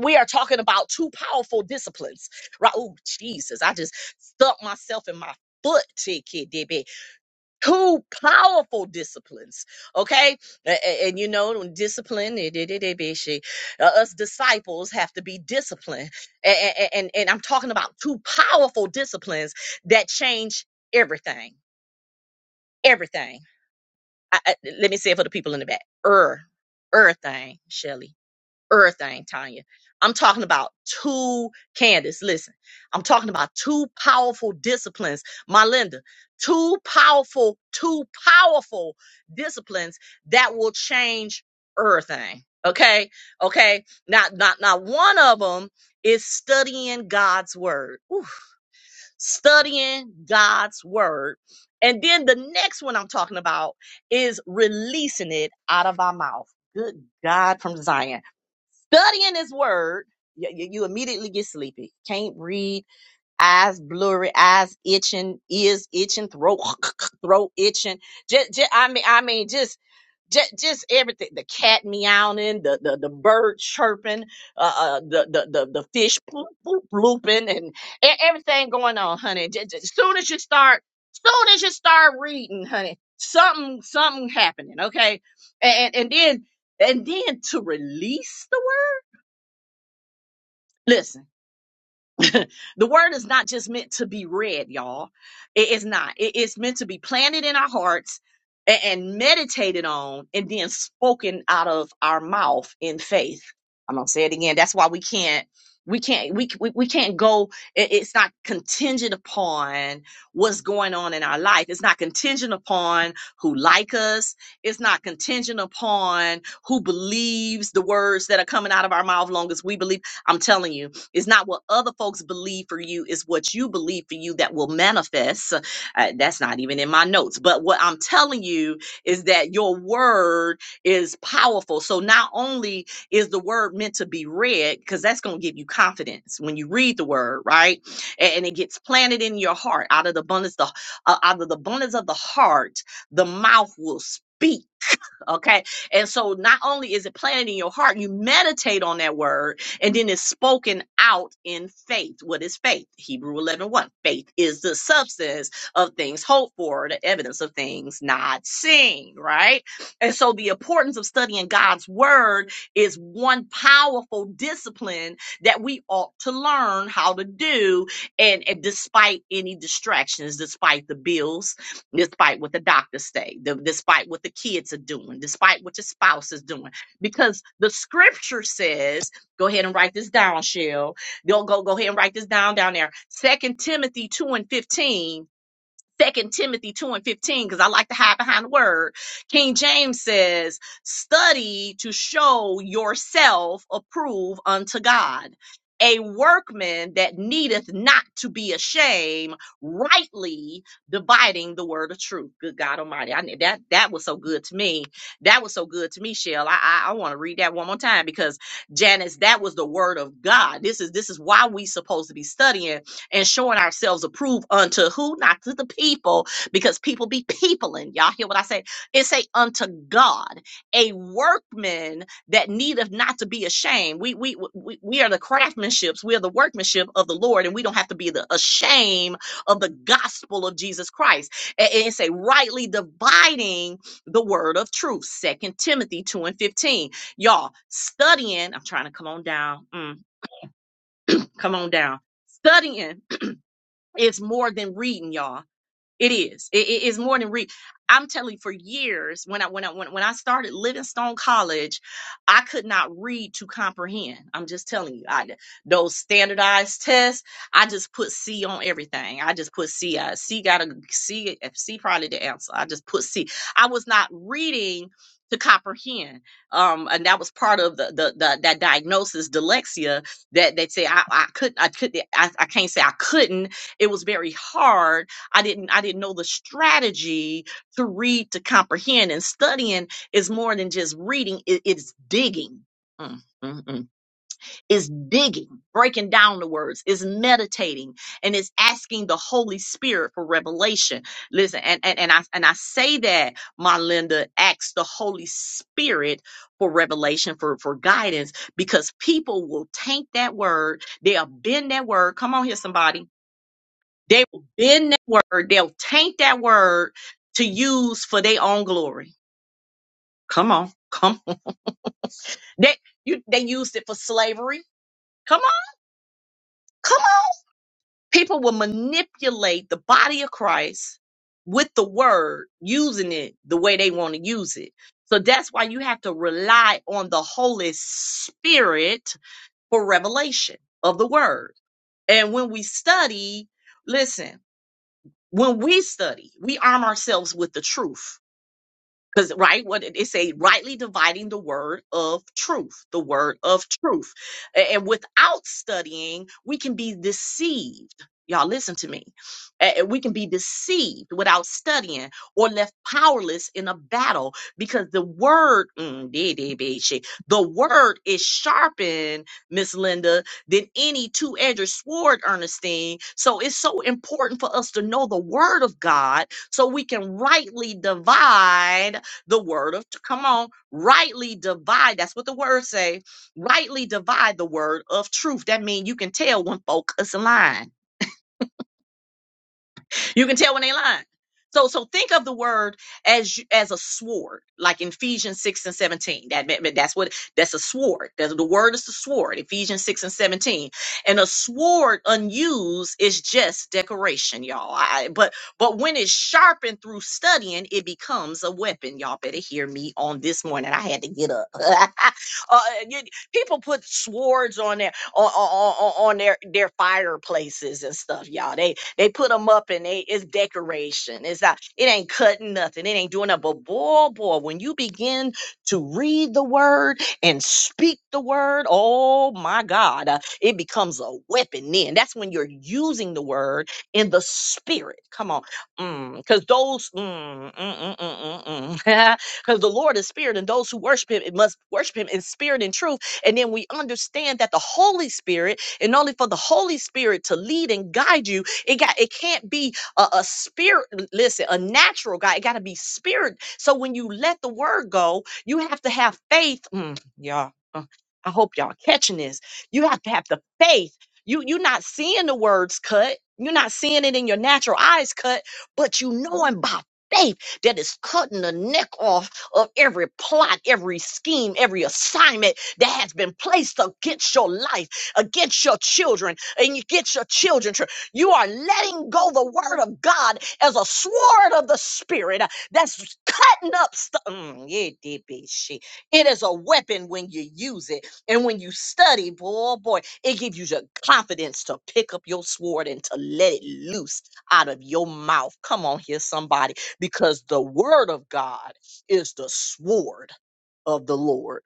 Speaker 1: we are talking about two powerful disciplines. Right? Oh, Jesus, I just stuck myself in my foot, TKDB. Two powerful disciplines. Okay, A- a- and, you know, when discipline. eh, de- de- de- be she- uh, Us disciples have to be disciplined, A- a- a- and and I'm talking about two powerful disciplines that change everything. Everything. I, I, let me say it for the people in the back. Er, er thing, Shelly. Er thing, Tanya. I'm talking about two, Candace, listen. I'm talking about two powerful disciplines, my Linda. Two powerful, two powerful disciplines that will change er Okay? Okay? Now, not, not one of them is studying God's word studying God's word. And then the next one I'm talking about is releasing it out of our mouth. Good God from Zion. Studying his word, you, you immediately get sleepy. Can't read, eyes blurry, eyes itching, ears itching, throat, throat itching. Just, just, I mean, I mean, just just, just everything the cat meowing the the, the bird chirping uh, uh the, the the the fish poop, poop looping and e- everything going on honey just, as soon as you start soon as you start reading honey something something happening okay and and, and then and then to release the word listen the word is not just meant to be read, y'all. It is not. It is meant to be planted in our hearts a- and, meditated on and then spoken out of our mouth in faith. I'm going to say it again. That's why we can't we can't we we, we can't go it- it's not contingent upon what's going on in our life it's not contingent upon who like us it's not contingent upon who believes the words that are coming out of our mouth long as we believe i'm telling you it's not what other folks believe for you, it's what you believe for you that will manifest. Uh, that's not even in my notes. But what I'm telling you is that your word is powerful. So not only is the word meant to be read, because that's going to give you confidence when you read the word, right? A- And, it gets planted in your heart. Out of the abundance, the uh, out of the abundance of the heart, the mouth will speak. Okay. And so not only is it planted in your heart, you meditate on that word and then it's spoken out in faith. What is faith? Hebrew eleven one. Faith is the substance of things hoped for, the evidence of things not seen, right? And so the importance of studying God's word is one powerful discipline that we ought to learn how to do. And, and despite any distractions, despite the bills, despite what the doctors say, the- despite what the kids are doing, despite what your spouse is doing. Because the scripture says, go ahead and write this down, Shell. Go, go, go ahead and write this down down there. Second Timothy 2 and 15 Second Timothy 2 and 15, because I like to hide behind the word. King James says, study to show yourself approved unto God, a workman that needeth not to be ashamed, rightly dividing the word of truth. Good God Almighty. I that that was so good to me. That was so good to me, Shell. I I, I want to read that one more time because Janice, that was the word of God. This is this is why we supposed to be studying and showing ourselves approved unto who? Not to the people, because people be peopling. Y'all hear what I say? It say unto God, a workman that needeth not to be ashamed. We we we, we are the craftsmanships, we are the workmanship of the Lord, and we don't have to be the ashamed of the gospel of Jesus Christ. And, and it say rightly dividing the word of truth. Second Timothy 2 and 15. Y'all studying, I'm trying to come on down. Mm, come on down. Studying it's more than reading, y'all it is. It, it is more than re. I'm telling you, for years when I when I when, when I started Livingstone College, I could not read to comprehend. I'm just telling you, I those standardized tests, I just put C on everything. I just put C. Uh, C got a C. uh, C probably the answer. I just put C. I was not reading to comprehend, um, and that was part of the the, the that diagnosis dyslexia that they say I I couldn't I could I, I can't say I couldn't. It was very hard I didn't I didn't know the strategy to read to comprehend. And studying is more than just reading. It, it's digging. Mm, mm, mm. It's digging, breaking down the words, it's meditating, and it's asking the Holy Spirit for revelation. Listen, and, and, and I and I say that, my Linda, ask the Holy Spirit for revelation, for, for guidance, because people will take that word, they'll bend that word. Come on here, somebody they will bend that word, they'll taint that word to use for their own glory. Come on, come on. They you they used it for slavery. Come on, come on. People will manipulate the body of Christ with the word, using it the way they want to use it. So that's why you have to rely on the Holy Spirit for revelation of the word. And when we study, listen, when we study, we arm ourselves with the truth Because right, what did it say? Rightly dividing the word of truth, the word of truth. A- And without studying, we can be deceived. Y'all listen to me. A- and We can be deceived without studying or left powerless in a battle because the word, mm, dee, dee, bee, shee, the word is sharpened, Miss Linda, than any two-edged sword, Ernestine. So it's so important for us to know the word of God so we can rightly divide the word of come on rightly divide that's what the word say rightly divide the word of truth that means you can tell when folk is lying you can tell when they lying. So so think of the word as you- as a sword, like in Ephesians six and seventeen. That meant- meant that's what that's a sword. That's, the word is the sword. Ephesians six and seventeen, and a sword unused is just decoration, y'all. I, but but when it's sharpened through studying, it becomes a weapon. Y'all better hear me on this morning. I had to get up. uh, you- people put swords on their on, on, on on their their fireplaces and stuff, y'all. They put them up and they it's decoration. It's not, it ain't cutting nothing. It ain't doing nothing. But boy, boy, when you begin to read the word and speak the word, oh my God, uh, it becomes a weapon then. That's when you're using the word in the spirit. Come on. Because those, mm, mm, mm, mm, mm, mm. because the Lord is spirit, and those who worship him it must worship him in spirit and truth. And then we understand that the Holy Spirit, and only for the Holy Spirit to lead and guide you it got it can't be a, a spirit, listen, a natural guy. It got to be spirit. So when you let the word go, you have to have faith. Mm, y'all, uh, I hope y'all catching this. You have to have the faith. You you're not seeing the words cut. You're not seeing it in your natural eyes cut, but you knowing by faith that is cutting the neck off of every plot, every scheme, every assignment that has been placed against your life, against your children, and you get your children. You are letting go the word of God as a sword of the spirit uh, that's cutting up stuff. It is a weapon when you use it. And when you study, boy, boy, it gives you the confidence to pick up your sword and to let it loose out of your mouth. Come on here, somebody, because the word of God is the sword of the Lord.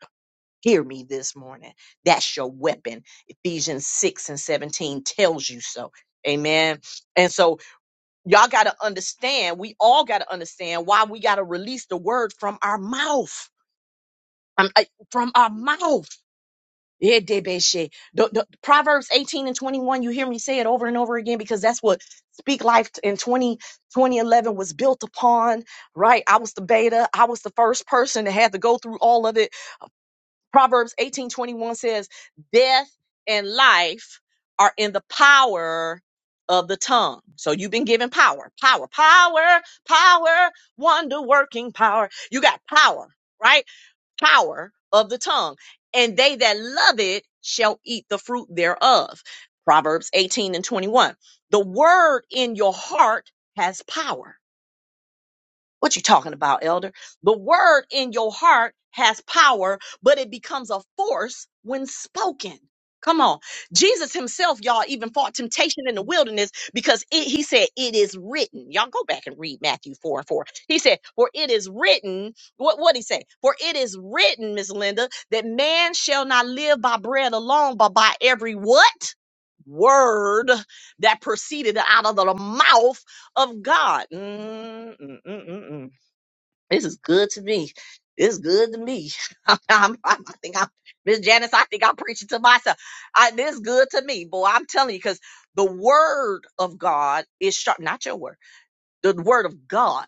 Speaker 1: Hear me this morning. That's your weapon. Ephesians 6 and 17 tells you so. Amen. And so y'all got to understand, we all got to understand why we got to release the word from our mouth. Um, I- from our mouth. Yeah, debeshe. The, the, Proverbs 18 and 21, you hear me say it over and over again because that's what Speak Life in 20 2011 was built upon, right? I was the beta. I was the first person that had to go through all of it Proverbs 18:21 says, "Death and life are in the power of the tongue." So you've been given power, power, power, power, wonder-working power. You got power, right? Power of the tongue. And they that love it shall eat the fruit thereof. Proverbs 18 and 21. The word in your heart has power what you talking about, elder? The word in your heart has power, but it becomes a force when spoken. Come on. Jesus himself, y'all, even fought temptation in the wilderness because it, he said, It is written. Y'all go back and read Matthew 4 and 4. He said, For it is written, what what he say? For it is written, Miss Linda, that man shall not live by bread alone, but by every what? Word that proceeded out of the mouth of God. Mm, mm, mm, mm, mm. This is good to me. It's good to me. I'm, I'm, I think I'm Miss Janice. I think I'm preaching to myself. I, this is good to me, boy. I'm telling you, because the word of God is sharp. Not your word. The word of God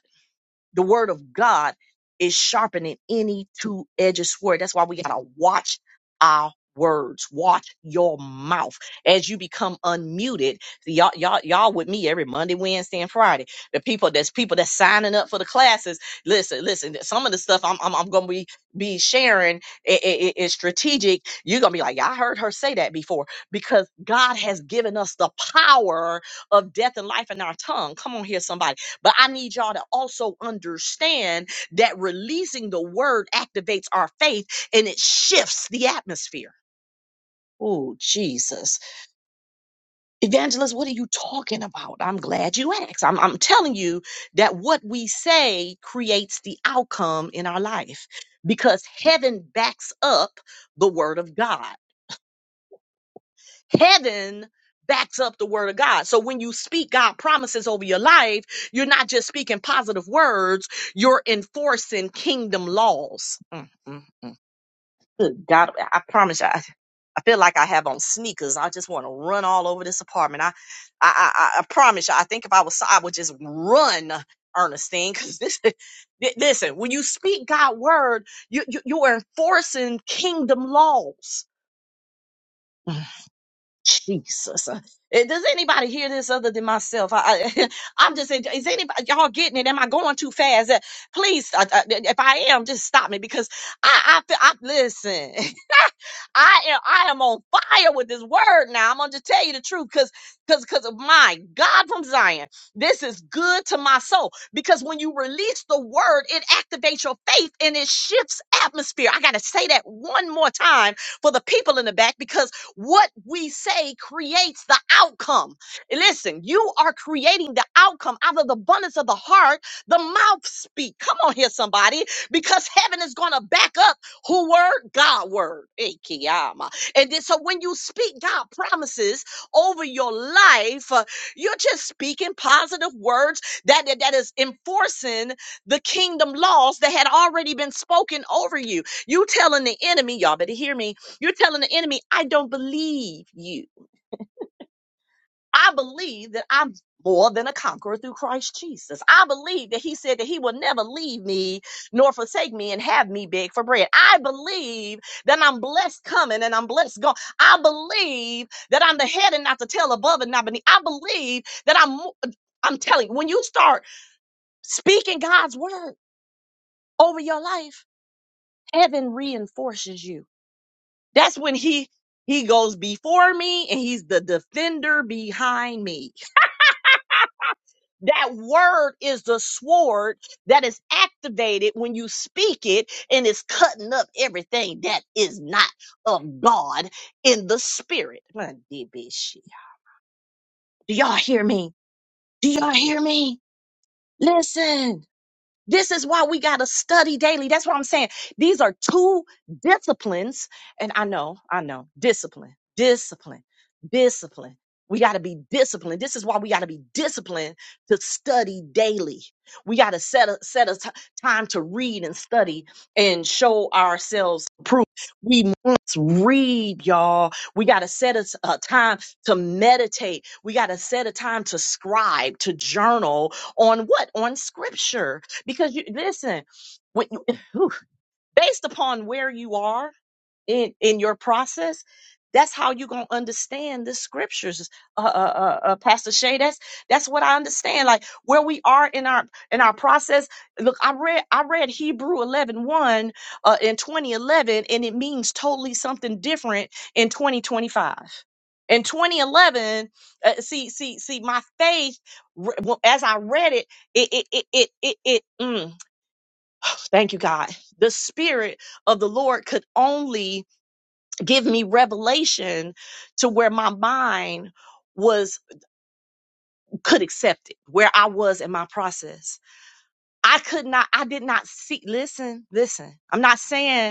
Speaker 1: the word of God is sharper than any two-edged sword. That's why we gotta watch our words. Watch your mouth as you become unmuted. y'all, y'all, y'all with me every Monday, Wednesday, and Friday. The people that's people that's signing up for the classes. Listen, listen. Some of the stuff I'm I'm, I'm gonna be be sharing i- i- i- is strategic. You're gonna be like, yeah, I heard her say that before because God has given us the power of death and life in our tongue. Come on here, somebody but I need y'all to also understand that releasing the word activates our faith and it shifts the atmosphere. Oh, Jesus. Evangelist, what are you talking about? I'm glad you asked. I'm, I'm telling you that what we say creates the outcome in our life because heaven backs up the word of God. heaven backs up the word of God. So when you speak God promises over your life, you're not just speaking positive words, you're enforcing kingdom laws. Mm, mm, mm. Good God, I promise you, I, I feel like I have on sneakers. I just want to run all over this apartment. I, I, I, I promise you, I think if I was, I would just run, Ernestine, because this, listen, when you speak God word, you, you, you're enforcing kingdom laws. Jesus. Uh, eh, Does anybody hear this other than myself? I, I, I'm just, saying, is anybody, y'all getting it? Am I going too fast? Uh, Please, uh, uh, if I am, just stop me because I, I, feel- I listen. I am I am on fire with this word now. I'm gonna just tell you the truth because because because of my God from Zion. This is good to my soul because when you release the word, it activates your faith and it shifts atmosphere. I gotta say that one more time for the people in the back because what we say creates the outcome. Listen, you are creating the outcome out of the abundance of the heart, the mouth speak. Come on here, somebody, because heaven is gonna back up who word? God word. Ikiyama. And then, so when you speak God promises over your life, uh, you're just speaking positive words that, that that is enforcing the kingdom laws that had already been spoken over you. You telling the enemy, y'all better hear me. You're telling the enemy, I don't believe you. I believe that I'm more than a conqueror through Christ Jesus. I believe that he said that he will never leave me nor forsake me and have me beg for bread. I believe that I'm blessed coming and I'm blessed going. I believe that I'm the head and not the tail, above and not beneath. I believe that I'm, mo- I'm telling you, when you start speaking God's word over your life, heaven reinforces you. That's when he, he goes before me and he's the defender behind me. That word is the sword that is activated when you speak it and is cutting up everything that is not of God in the spirit. My DB shit. Do y'all hear me? Do y'all hear me? Listen. This is why we got to study daily. That's what I'm saying. These are two disciplines. And I know, I know, discipline, discipline, discipline. We got to be disciplined. This is why we got to be disciplined to study daily. We got to set a, set a t- time to read and study and show ourselves proof. We must read, y'all. We got to set a, s- a time to meditate. We got to set a time to scribe, to journal on what? On scripture because you listen when you, whew, based upon where you are in in your process that's how you're gonna understand the scriptures uh, uh, uh, uh, pastor shay that's that's what i understand like where we are in our in our process look i read i read hebrew eleven one uh, in 2011 and it means totally something different in 2025 in 2011 uh, see see see my faith re- well, as i read it it it it it it, it, mm, Thank you, God. The Spirit of the Lord could only give me revelation to where my mind was, could accept it, where I was in my process. I could not, I did not see, listen, listen. I'm not saying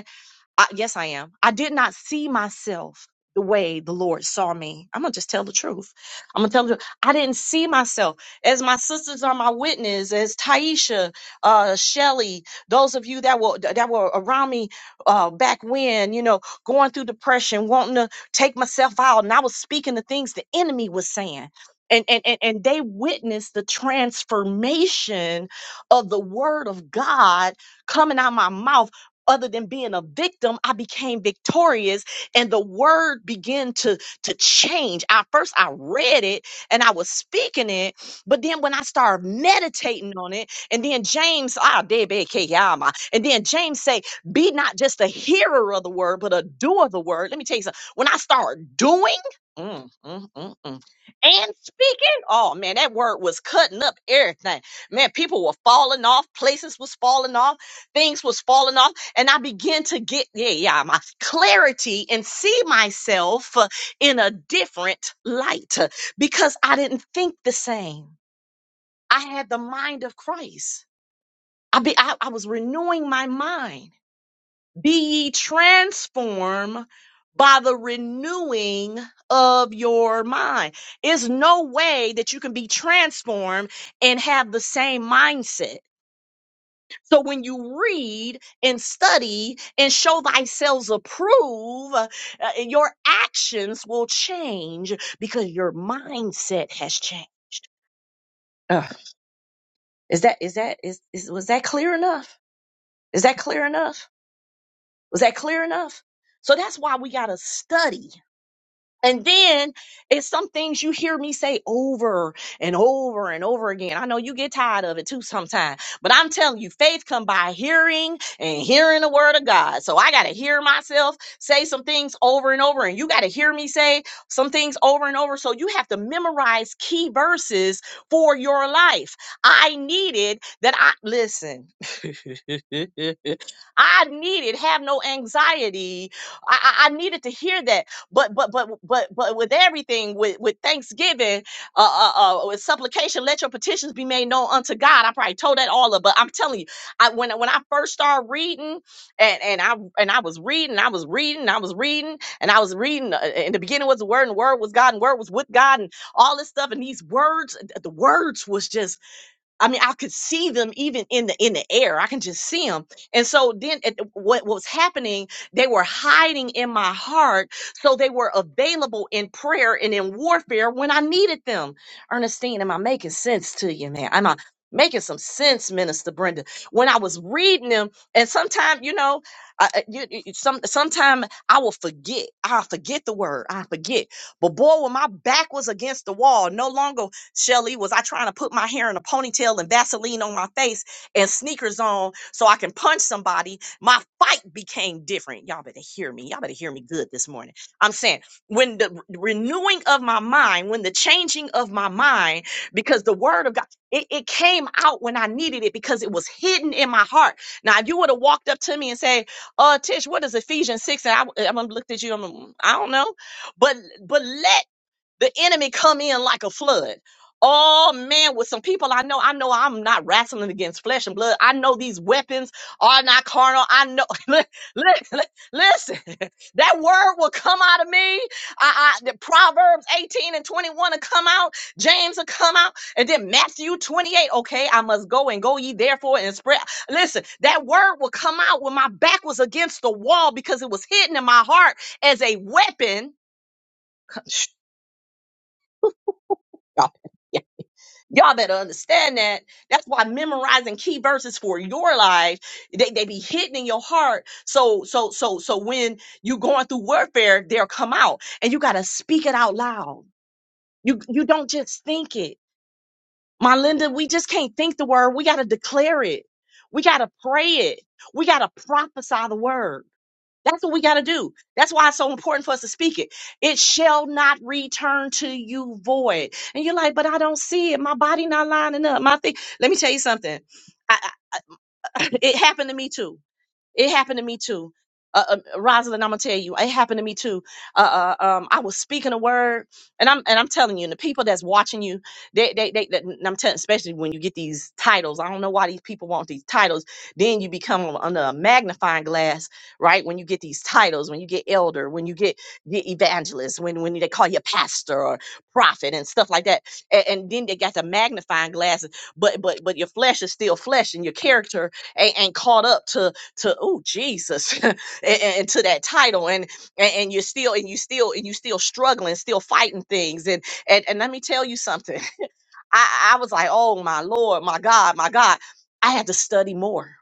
Speaker 1: I, yes, I am. I did not see myself the way the Lord saw me. I'm gonna just tell the truth. I'm gonna tell you, I didn't see myself. As my sisters are my witness, as Taisha, uh, Shelly, those of you that were that were around me uh, back when, you know, going through depression, wanting to take myself out, and I was speaking the things the enemy was saying. And, and, and and they witnessed the transformation of the word of God coming out my mouth other than being a victim, I became victorious and the word began to, to change. I first I read it and I was speaking it, but then when I started meditating on it, and then James, ah, debe ke yama, and then James say, be not just a hearer of the word, but a doer of the word. Let me tell you something. When I start doing mm, mm, mm, mm, and speaking, oh man, that word was cutting up everything. Man, people were falling off, places was falling off, things was falling off and I begin to get yeah, yeah my clarity and see myself uh, in a different light uh, because I didn't think the same. I had the mind of Christ. I be I, I was renewing my mind. Be ye transformed by the renewing of your mind. It's no way that you can be transformed and have the same mindset So when you read and study and show thyself approved, uh, your actions will change because your mindset has changed. Ugh. is that is that is, is was that clear enough? Is that clear enough? Was that clear enough? So that's why we gotta study. And then it's some things you hear me say over and over and over again. I know you get tired of it too sometimes, but I'm telling you, faith come by hearing and hearing the word of God. So I got to hear myself say some things over and over, and you got to hear me say some things over and over. So you have to memorize key verses for your life. I needed that. I listen. I needed have no anxiety. I, I I needed to hear that but but but but but with everything, with with thanksgiving, uh, uh, uh with supplication, let your petitions be made known unto God. I probably told that all of, but I'm telling you, I when when I first started reading, and and I and I was reading, I was reading, I was reading, and I was reading. uh, In the beginning was the Word, and the Word was God, and the Word was with God, and all this stuff. And these words, the words was just I mean, I could see them even in the in the air. I can just see them. And so then at, what was happening, they were hiding in my heart. So they were available in prayer and in warfare when I needed them. Ernestine, am I making sense to you, man? Am I making some sense, Minister Brenda? When I was reading them, and sometimes, you know, I, I- you, you- some sometimes I will forget. I forget the word. I forget. But boy, when my back was against the wall, no longer. Shelly, was I trying to put my hair in a ponytail and Vaseline on my face and sneakers on so I can punch somebody? My fight became different. Y'all better hear me. Y'all better hear me good this morning. I'm saying when the re- renewing of my mind, when the changing of my mind, because the word of God, it, it came out when I needed it because it was hidden in my heart. Now, if you would have walked up to me and say, "Uh, Tish, what is Ephesians six? And I, am gonna look at you. I'm, I don't know, but but let the enemy come in like a flood. Oh man, with some people I know, I know I'm not wrestling against flesh and blood. I know these weapons are not carnal. I know. Li- li- Listen, that word will come out of me. I, I, the Proverbs 18 and 21 will come out. James will come out, and then Matthew 28. Okay, I must go and go ye therefore and spread. Listen, that word will come out when my back was against the wall because it was hidden in my heart as a weapon. Stop Y'all better understand that. That's why memorizing key verses for your life, they, they be hidden in your heart. So, so, so, so when you going through warfare, they'll come out and you got to speak it out loud. You, you don't just think it. My Linda, we just can't think the word. We got to declare it. We got to pray it. We got to prophesy the word. That's what we got to do. That's why it's so important for us to speak it. It shall not return to you void. And you're like, but I don't see it. My body not lining up. My thing. Let me tell you something. I, I, it happened to me too. It happened to me too. Uh, uh, Rosalind, I'm gonna tell you, it happened to me too. Uh, uh, um, I was speaking a word, and I'm and I'm telling you, and the people that's watching you, they they they. they- and I'm telling, especially when you get these titles. I don't know why these people want these titles. Then you become under a magnifying glass, right? When you get these titles, when you get elder, when you get the evangelist, when when they call you pastor or prophet and stuff like that, and, and then they got the magnifying glasses. But but but your flesh is still flesh, and your character ain't, ain't caught up to to oh Jesus and, and to that title and, and and you're still and you still and you still struggling still fighting things and and, and let me tell you something I I was like oh my Lord my God my God I had to study more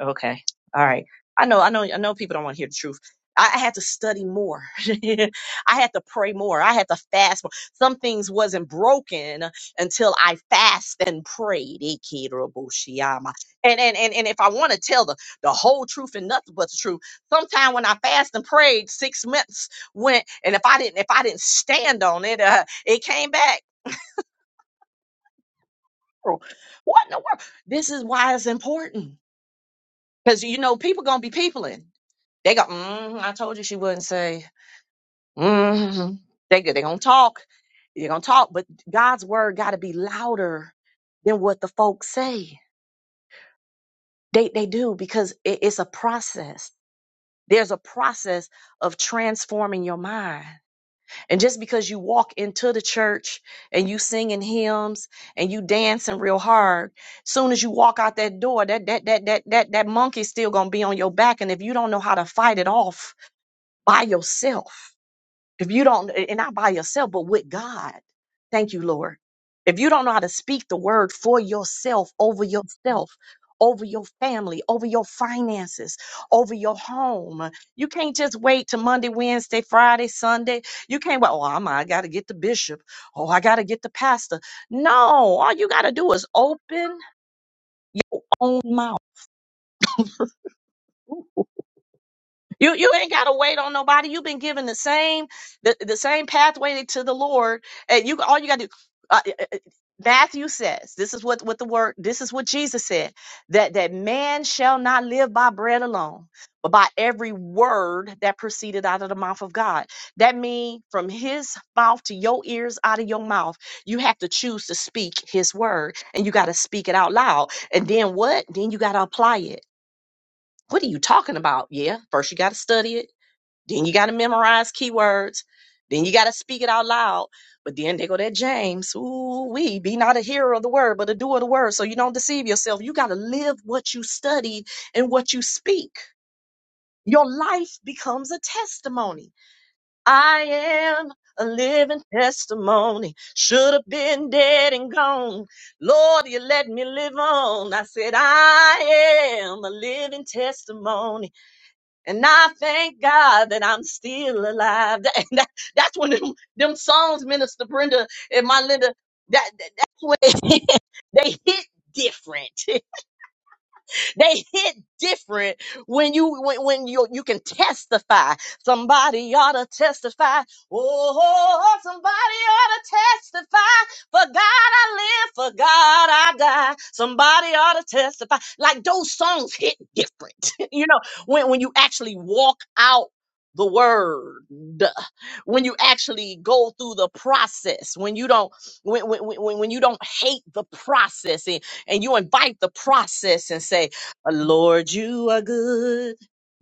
Speaker 1: Okay. All right. I know, I know, I know people don't want to hear the truth. I I had to study more. I had to pray more. I had to fast more. Some things wasn't broken until I fast and prayed. Ikirabushiyama. And and and, and if I want to tell the, the whole truth and nothing but the truth, sometime when I fast and prayed, six months went, and if I didn't if I didn't stand on it, uh, it came back. Oh, What in the world? This is why it's important. Because you know, people gonna be peopling. They go, mm, I told you she wouldn't say. Mm. They go, they gonna talk. They're gonna talk, but God's word gotta be louder than what the folks say. They they do because it, it's a process. There's a process of transforming your mind. And just because you walk into the church and you singing hymns and you dancing real hard, soon as you walk out that door, that that that that that that monkey's still gonna be on your back. And if you don't know how to fight it off by yourself, If you don't, and not by yourself, but with God. Thank you, Lord. If you don't know how to speak the word for yourself, over yourself, over your family, over your finances, over your home, you can't just wait to Monday, Wednesday, Friday, Sunday. You can't wait, oh, I'm, I got to get the bishop. Oh, I got to get the pastor. No, all you got to do is open your own mouth You you ain't gotta wait on nobody. You've been given the same the, the same pathway to the Lord, and you all you gotta do. Uh, uh, uh, Matthew says, "This is what what the word. This is what Jesus said that that man shall not live by bread alone, but by every word that proceeded out of the mouth of God." That means from His mouth to your ears, out of your mouth, you have to choose to speak His word, and you gotta speak it out loud. And then what? Then you gotta apply it. What are you talking about? Yeah, first you gotta study it. Then you got to memorize keywords. Then you got to speak it out loud. But then they go that James, ooh, we be not a hearer of the word, but a doer of the word. So you don't deceive yourself. You got to live what you study and what you speak. Your life becomes a testimony. I am a living testimony. Should have been dead and gone. Lord, you let me live on. I said, I am a living testimony. And I thank God that I'm still alive. That- and that- that's when them, them songs, Minister Brenda and my Linda, that, that- that's when they hit different. They hit different when you when, when you you can testify. Somebody ought to testify. Oh, somebody ought to testify. For God I live, for God I die. Somebody ought to testify. Like those songs hit different. you know, when when you actually walk out the word when you actually go through the process when you don't when, when, when, when you don't hate the process and, and you invite the process and say Lord, you are good.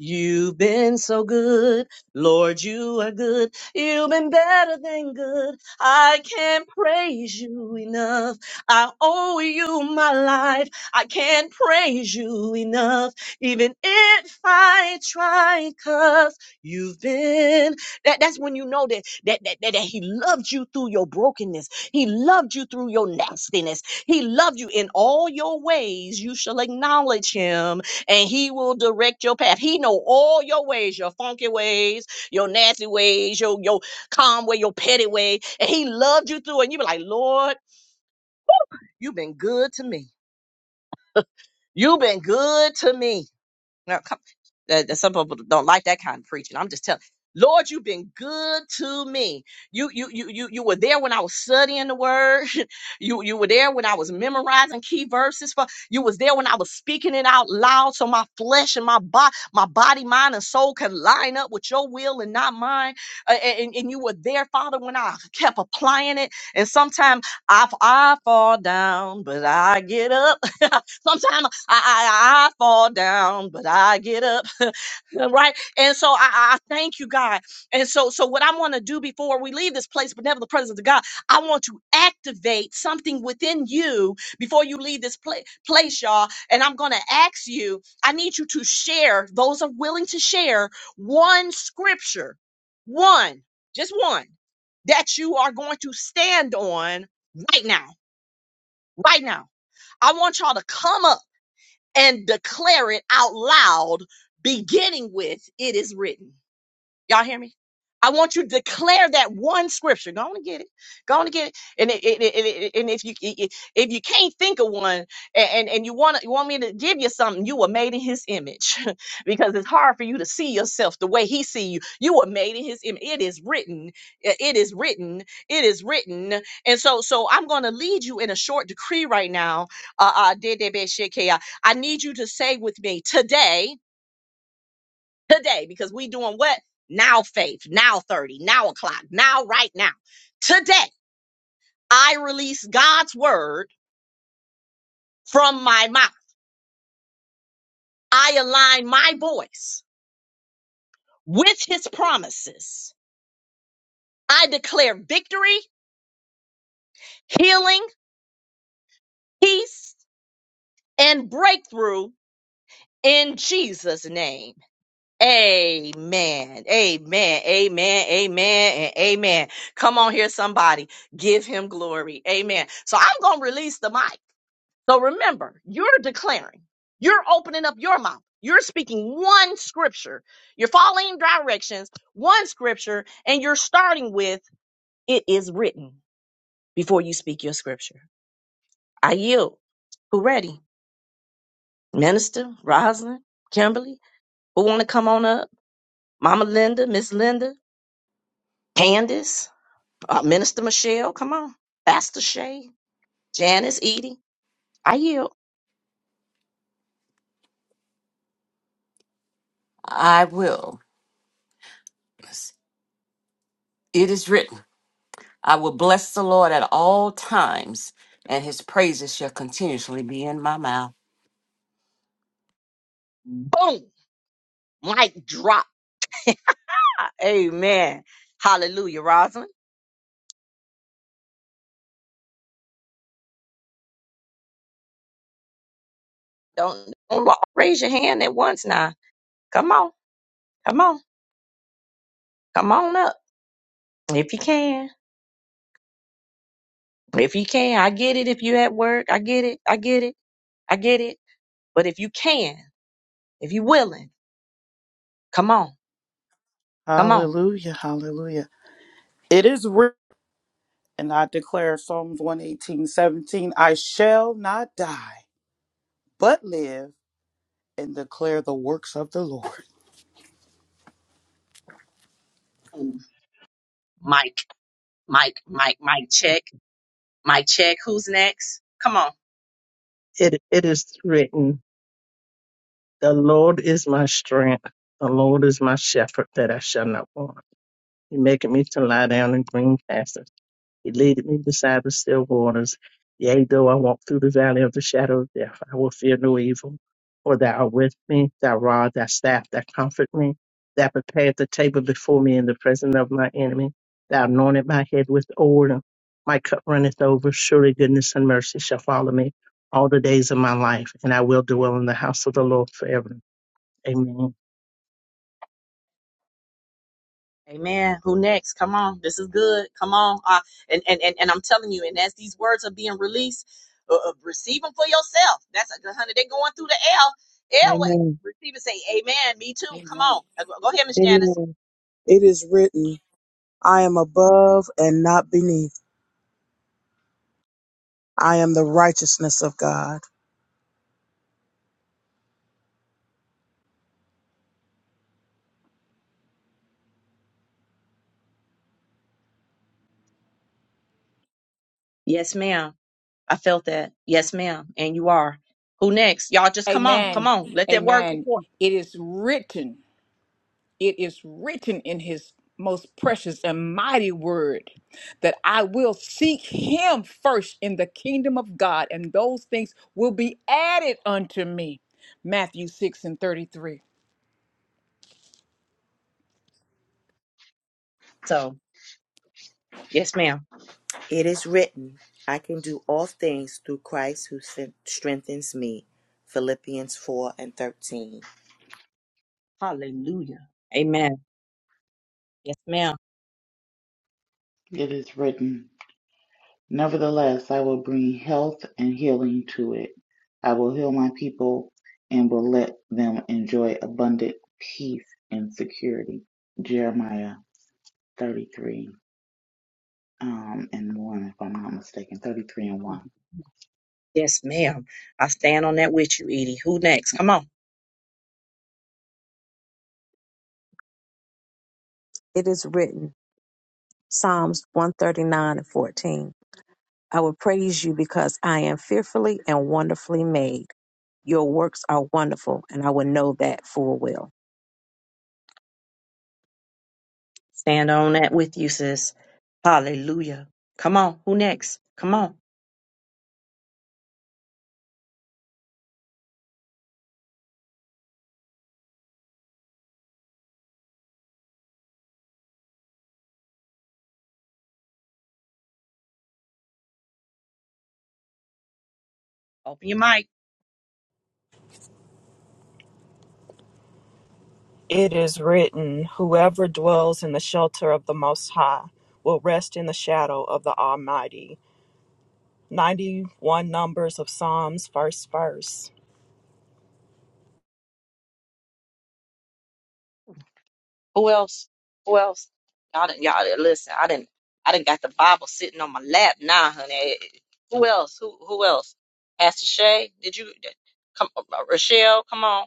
Speaker 1: You've been so good. Lord, you are good. You've been better than good. I can't praise you enough. I owe you my life. I can't praise you enough. Even if I try, cause you've been. That, that's when you know that, that, that, that, that he loved you through your brokenness. He loved you through your nastiness. He loved you in all your ways. You shall acknowledge him and he will direct your path. He know all your ways, your funky ways, your nasty ways, your your calm way, your petty way. And he loved you through it. And you be like, Lord, you've been good to me. You've been good to me. No, come. That, that some people don't like that kind of preaching. I'm just telling. Lord, you've been good to me. You, you, you, you, you were there when I was studying the word. You, you were there when I was memorizing key verses. For you was there when I was speaking it out loud, so my flesh and my body, my body, mind, and soul can line up with your will and not mine. Uh, and, and you were there, Father, when I kept applying it. And sometimes I, I fall down, but I get up. Sometimes I, I, I fall down, but I get up, right? And so I, I thank you, God. And so, so what I want to do before we leave this place, but never the presence of God, I want to activate something within you before you leave this pla- place, y'all. And I'm going to ask you, I need you to share, those are willing to share, one scripture, one, just one, that you are going to stand on right now, right now. I want y'all to come up and declare it out loud, beginning with, It is written. Y'all hear me? I want you to declare that one scripture. Go on and get it. Go on and get it. And it, it, it, it- and if you if you can't think of one, and and you want you want me to give you something, you were made in His image, because it's hard for you to see yourself the way He see you. You were made in His image. It is written. uh, It is written. It is written. And so so I'm going to lead you in a short decree right now. Uh, uh, Dedebe I need you to say with me today today because we doing what now faith now 30 now o'clock now right now today i release god's word from my mouth i align my voice with his promises i declare victory healing peace and breakthrough in jesus name Amen. Amen. Amen. Amen. And amen. Come on here, somebody. Give him glory. Amen. So I'm going to release the mic. So remember, you're declaring, you're opening up your mouth, you're speaking one scripture, you're following directions, one scripture, and you're starting with, it is written before you speak your scripture. I yield. Who ready? Minister, Rosalind, Kimberly, who want to come on up? Mama Linda, Miss Linda, Candace, uh, Minister Michelle, come on. Pastor Shay, Janice, Edie, I yield.
Speaker 2: I will. Yes, It is written, I will bless the Lord at all times, and his praises shall continuously be in my mouth.
Speaker 1: Boom, mic drop. Amen. Hallelujah, Rosalind. Don't, don't wa- raise your hand at once now. Come on, come on, come on up if you can. If you can, I get it. If you at work, I get it. I get it. I get it. But if you can, if you willing, come on, come on.
Speaker 3: Hallelujah, hallelujah. It is written, and I declare Psalms 118, 17, I shall not die, but live and declare the works of the Lord.
Speaker 1: Mike, Mike, Mike, Mike, check, Mike, check. Who's next? Come on.
Speaker 4: It it is written, The Lord is my strength, the Lord is my shepherd that I shall not want. He maketh me to lie down in green pastures. He leadeth me beside the still waters. Yea, though I walk through the valley of the shadow of death, I will fear no evil. For thou art with me, thy rod, thy staff, that comfort me. Thou preparest the table before me in the presence of my enemy. Thou anointed my head with oil. My cup runneth over. Surely goodness and mercy shall follow me all the days of my life, and I will dwell in the house of the Lord forever. Amen.
Speaker 1: Amen. Who next? Come on. This is good. Come on. Uh, and, and, and, and I'm telling you, and as these words are being released, uh, uh, receive them for yourself. That's a good hundred. They're going through the L, airway.
Speaker 5: Amen.
Speaker 1: Receive and say, Amen. Me too. Come
Speaker 6: Amen.
Speaker 1: on. Uh, Go go ahead, Miss Janice.
Speaker 5: Amen. It is written, I am above and not beneath. I am the righteousness of God.
Speaker 1: Yes, ma'am. I felt that. Yes, ma'am. And you are. Who next? Y'all just come on. Come
Speaker 6: Amen.
Speaker 1: on. Let that word go
Speaker 6: Amen.
Speaker 1: forth.
Speaker 6: It is written, it is written in his most precious and mighty word that I will seek him first in the kingdom of God, and those things will be added unto me. Matthew 6 and 33.
Speaker 1: So, yes, ma'am.
Speaker 7: It is written, I can do all things through Christ who strengthens me. Philippians 4 and 13.
Speaker 1: Hallelujah. Amen. Yes, ma'am.
Speaker 8: It is written, Nevertheless, I will bring health and healing to it. I will heal my people and will let them enjoy abundant peace and security. Jeremiah 33 um, and 1, if I'm not mistaken, 33 and
Speaker 1: Oh,
Speaker 8: 1.
Speaker 1: yes, ma'am. I stand on that with you, Edie. Who next? Come on.
Speaker 9: It is written, Psalms 139 and 14. I will praise you because I am fearfully and wonderfully made. Your works are wonderful, and I will know that full well.
Speaker 1: Stand on that with you, sis. Hallelujah. Come on. Who next? Come on. Open your mic.
Speaker 10: It is written, Whoever dwells in the shelter of the Most High will rest in the shadow of the Almighty. 91 Numbers of Psalms, first verse.
Speaker 1: Who else? Who else? Y'all, done, y'all done- listen. I didn't. I didn't got the Bible sitting on my lap now, honey. Who else? Who who else? Pastor Shay, did you come? uh, uh, Rochelle, come on,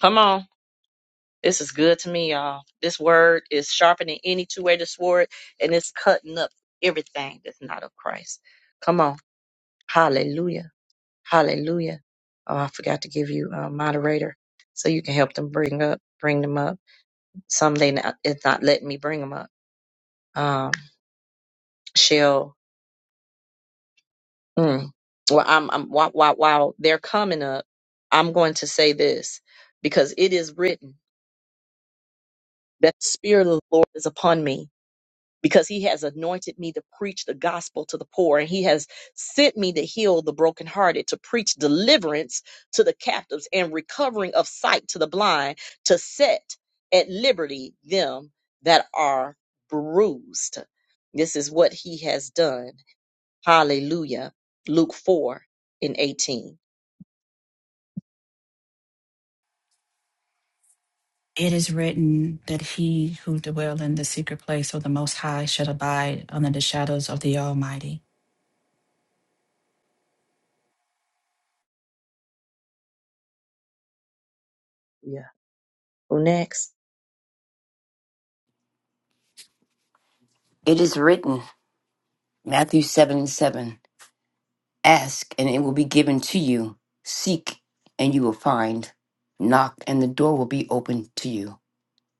Speaker 1: come on. This is good to me, y'all. This word is sharpening any two-edged sword, and it's cutting up everything that's not of Christ. Come on, Hallelujah, Hallelujah. Oh, I forgot to give you a moderator, so you can help them bring up, bring them up. Some they not, it's not letting me bring them up. um, she'll. Mm, well, I'm, I'm while, while while they're coming up, I'm going to say this because it is written that the Spirit of the Lord is upon me because He has anointed me to preach the gospel to the poor, and He has sent me to heal the brokenhearted, to preach deliverance to the captives and recovering of sight to the blind, to set at liberty them that are bruised. This is what He has done Hallelujah. Luke 4 and 18.
Speaker 11: It is written that he who dwell in the secret place of the Most High shall abide under the shadows of the Almighty.
Speaker 1: Yeah. Who next?
Speaker 12: It is written, Matthew 7 and 7 Ask, and it will be given to you. Seek, and you will find. Knock, and the door will be opened to you.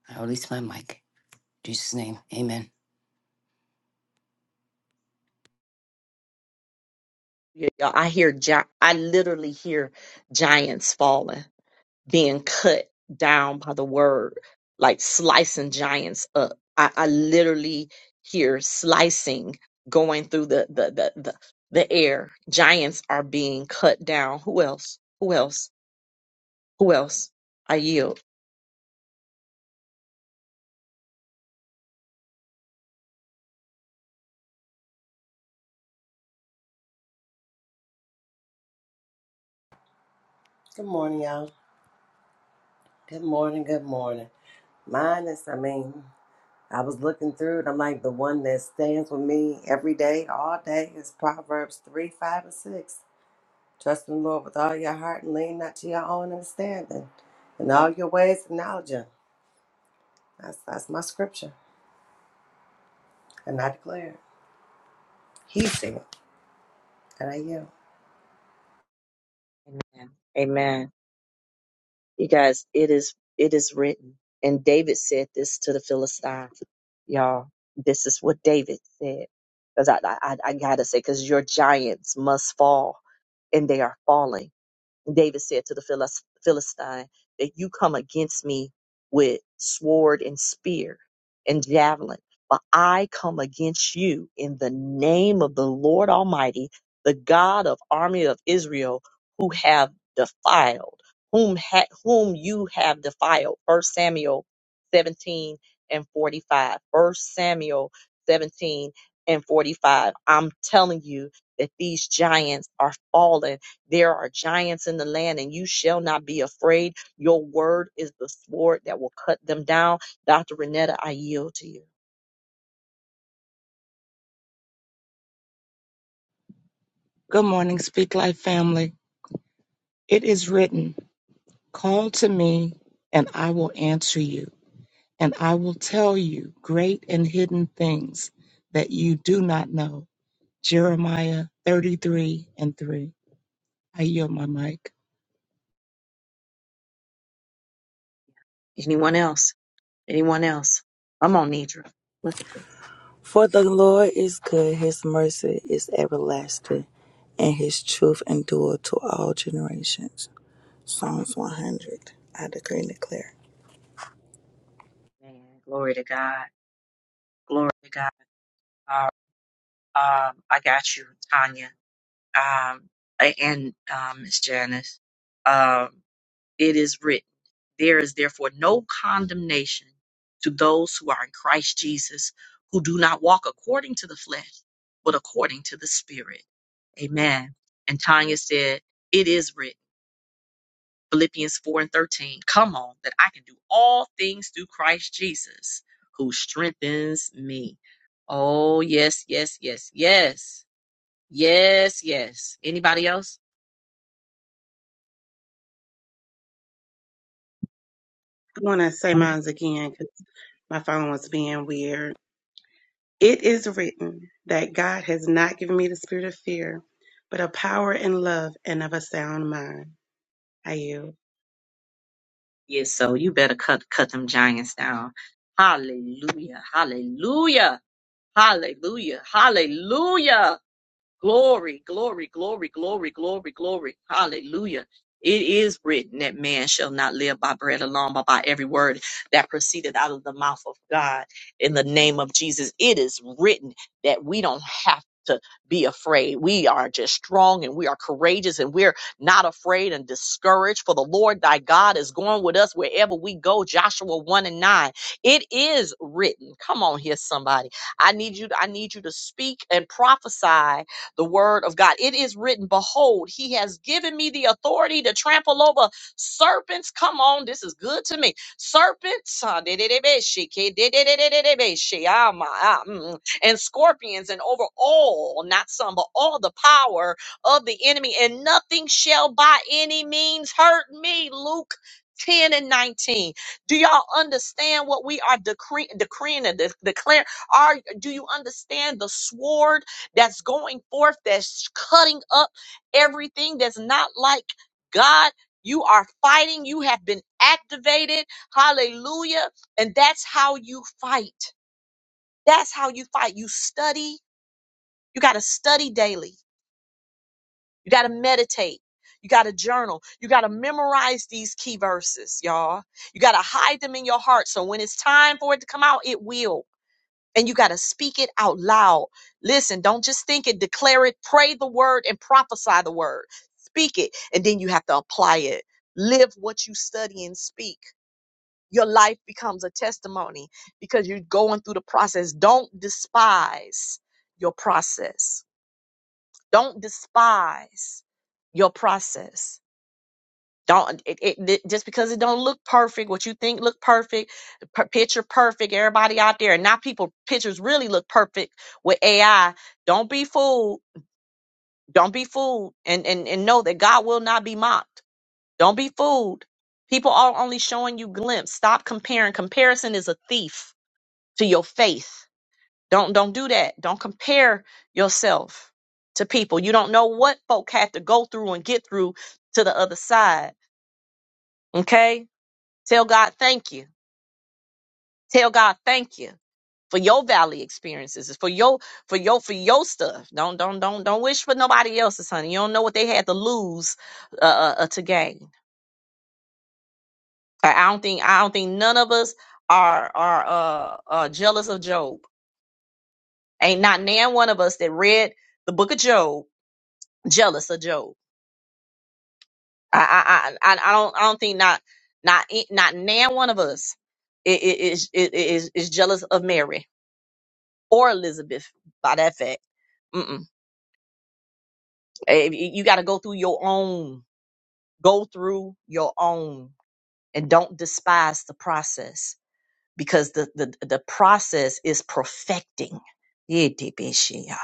Speaker 12: I release my mic. In Jesus' name, amen.
Speaker 1: Yeah, y'all, I hear, gi- I literally hear giants falling. being cut down by the word, like slicing giants up. I, I literally hear slicing going through the the, the the the air. Giants are being cut down. Who else? Who else? Who else? I yield.
Speaker 13: Good morning, y'all. Good morning, good morning. Mine is, I mean, I was looking through it. I'm like, the one that stands with me every day, all day, is Proverbs 3, 5, and 6. Trust in the Lord with all your heart and lean not to your own understanding. In all your ways, acknowledge Him. That's, that's my scripture, and I declare it. He said, it, and I yield.
Speaker 1: Amen. Amen. You guys, it is it is written. And David said this to the Philistines. Y'all, this is what David said. Because I, I I I gotta say, because your giants must fall, and they are falling And David said to the Philis- Philistine, That you come against me with sword and spear and javelin, but I come against you in the name of the Lord Almighty, the God of army of Israel, who have defiled, whom ha- whom you have defiled. First Samuel 17 and 45. First Samuel 17 and 45. I'm telling you that these giants are fallen there are giants in the land, and you shall not be afraid. Your word is the sword that will cut them down. Dr. Renetta, I yield to you.
Speaker 14: Good morning, Speak Life family. It is written, Call to me, and I will answer you, and I will tell you great and hidden things that you do not know. Jeremiah 33 and 3. I yield my mic.
Speaker 1: Anyone else? Anyone else? I'm on Nidra. Look at this.
Speaker 15: For the Lord is good, his mercy is everlasting, and his truth endure to all generations. Psalms 100. I decree and declare.
Speaker 1: Man, glory to God. Glory to God. Uh, um, I got you, Tanya. Um, and um, Miss Janice. Um, it is written. There is therefore no condemnation to those who are in Christ Jesus, who do not walk according to the flesh, but according to the Spirit. Amen. And Tanya said, It is written, Philippians 4 and 13, come on, that I can do all things through Christ Jesus, who strengthens me. Oh, yes, yes, yes, yes, yes, yes. Anybody else?
Speaker 16: I'm going to say mine again because my phone was being weird. It is written that God has not given me the spirit of fear, but of power and love and of a sound mind. I yield.
Speaker 1: Yeah, so you better cut cut them giants down. Hallelujah. Hallelujah. Hallelujah. Hallelujah. Glory, glory, glory, glory, glory, glory. Hallelujah. It is written that man shall not live by bread alone, but by every word that proceeded out of the mouth of God. In the name of Jesus, it is written that we don't have to be afraid. We are just strong and we are courageous and we're not afraid and discouraged. For the Lord thy God is going with us wherever we go. Joshua 1 and 9. It is written. Come on here, somebody. I need you, I need you to speak and prophesy the word of God. It is written, Behold, he has given me the authority to trample over serpents. Come on, this is good to me. Serpents, ah, de-de-de-be-she, ke-de-de-de-de-de-de-be-she, ah, my, ah, mm, mm, and scorpions, and over all, not some, but all the power of the enemy, and nothing shall by any means hurt me. Luke 10 and 19. Do y'all understand what we are decree, decreeing and de- declaring? Are do you understand the sword? that's going forth, that's cutting up everything that's not like God. You are fighting, you have been activated. Hallelujah. And that's how you fight. That's how you fight. You study, you got to study daily, you got to meditate. You got to journal. You got to memorize these key verses, y'all. You got to hide them in your heart. So when it's time for it to come out, it will and you got to speak it out loud. Listen, don't just think it, declare it, pray the word and prophesy the word. Speak it, and then you have to apply it. Live what you study and speak. Your life becomes a testimony because you're going through the process. Don't despise your process. Don't despise your process don't it, it, it- just because it don't look perfect, what you think look perfect, per- picture perfect, everybody out there, and now people pictures really look perfect with AI. Don't be fooled. Don't be fooled, and and and know that God will not be mocked. Don't be fooled. People are only showing you glimpse. Stop comparing. Comparison is a thief to your faith. Don't don't do that. Don't compare yourself to people. You don't know what folk had to go through and get through to the other side. Okay Tell God thank you. Tell God thank you for your valley experiences, for your for your for your stuff. Don't don't don't don't wish for nobody else's, honey. You don't know what they had to lose uh, uh uh, to gain. I I don't think I don't think none of us are are uh, uh jealous of Job. Ain't not nan one of us that read the book of Job jealous of Job. I I I I I don't I don't think not not not nan one of us i- i- is is is is jealous of Mary or Elizabeth by that fact. Mm-mm. Eh, You gotta go through your own. Go through your own, and don't despise the process because the the the process is perfecting. Yeah, Debeshia.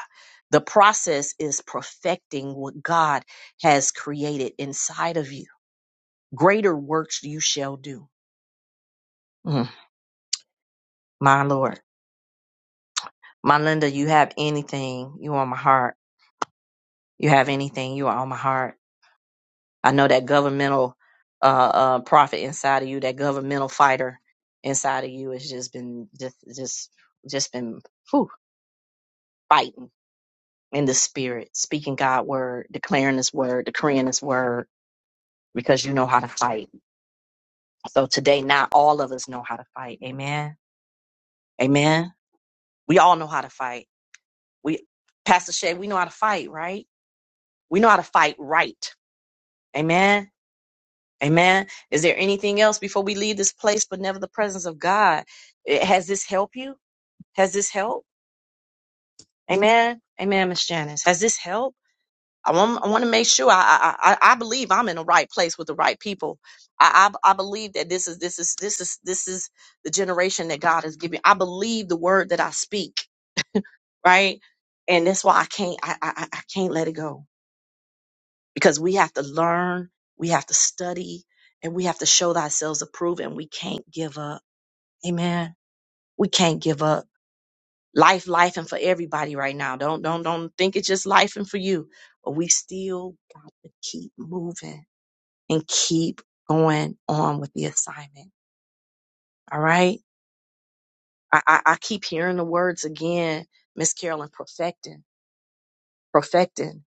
Speaker 1: The process is perfecting what God has created inside of you. Greater works you shall do. Mm, my Lord. My Linda, you have anything you on my heart. You have anything you are on my heart. I know that governmental uh, uh, prophet inside of you, that governmental fighter inside of you, has just been just just just been whew, fighting in the spirit, speaking God word, declaring His word, decreeing His word, because you know how to fight. So today, not all of us know how to fight. Amen. Amen. We all know how to fight. We, Pastor Shay, we know how to fight, right? We know how to fight right. Amen. Amen. Is there anything else before we leave this place, but never the presence of God? Eh, Has this helped you? Has this helped? Amen. Amen, Miss Janice. Has this helped? I want, I want to make sure I, I, I I believe I'm in the right place with the right people. I, I, I believe that this is, this is, this is, this is the generation that God has given. I believe the word that I speak, right? And that's why I can't, I, I, I I can't let it go because we have to learn, we have to study, and we have to show ourselves approved, and we can't give up Amen. We can't give up. Life, life, and for everybody right now. Don't, don't, don't think it's just life and for you. But we still got to keep moving and keep going on with the assignment. All right. I, I, I keep hearing the words again, Miss Carolyn, perfecting, perfecting,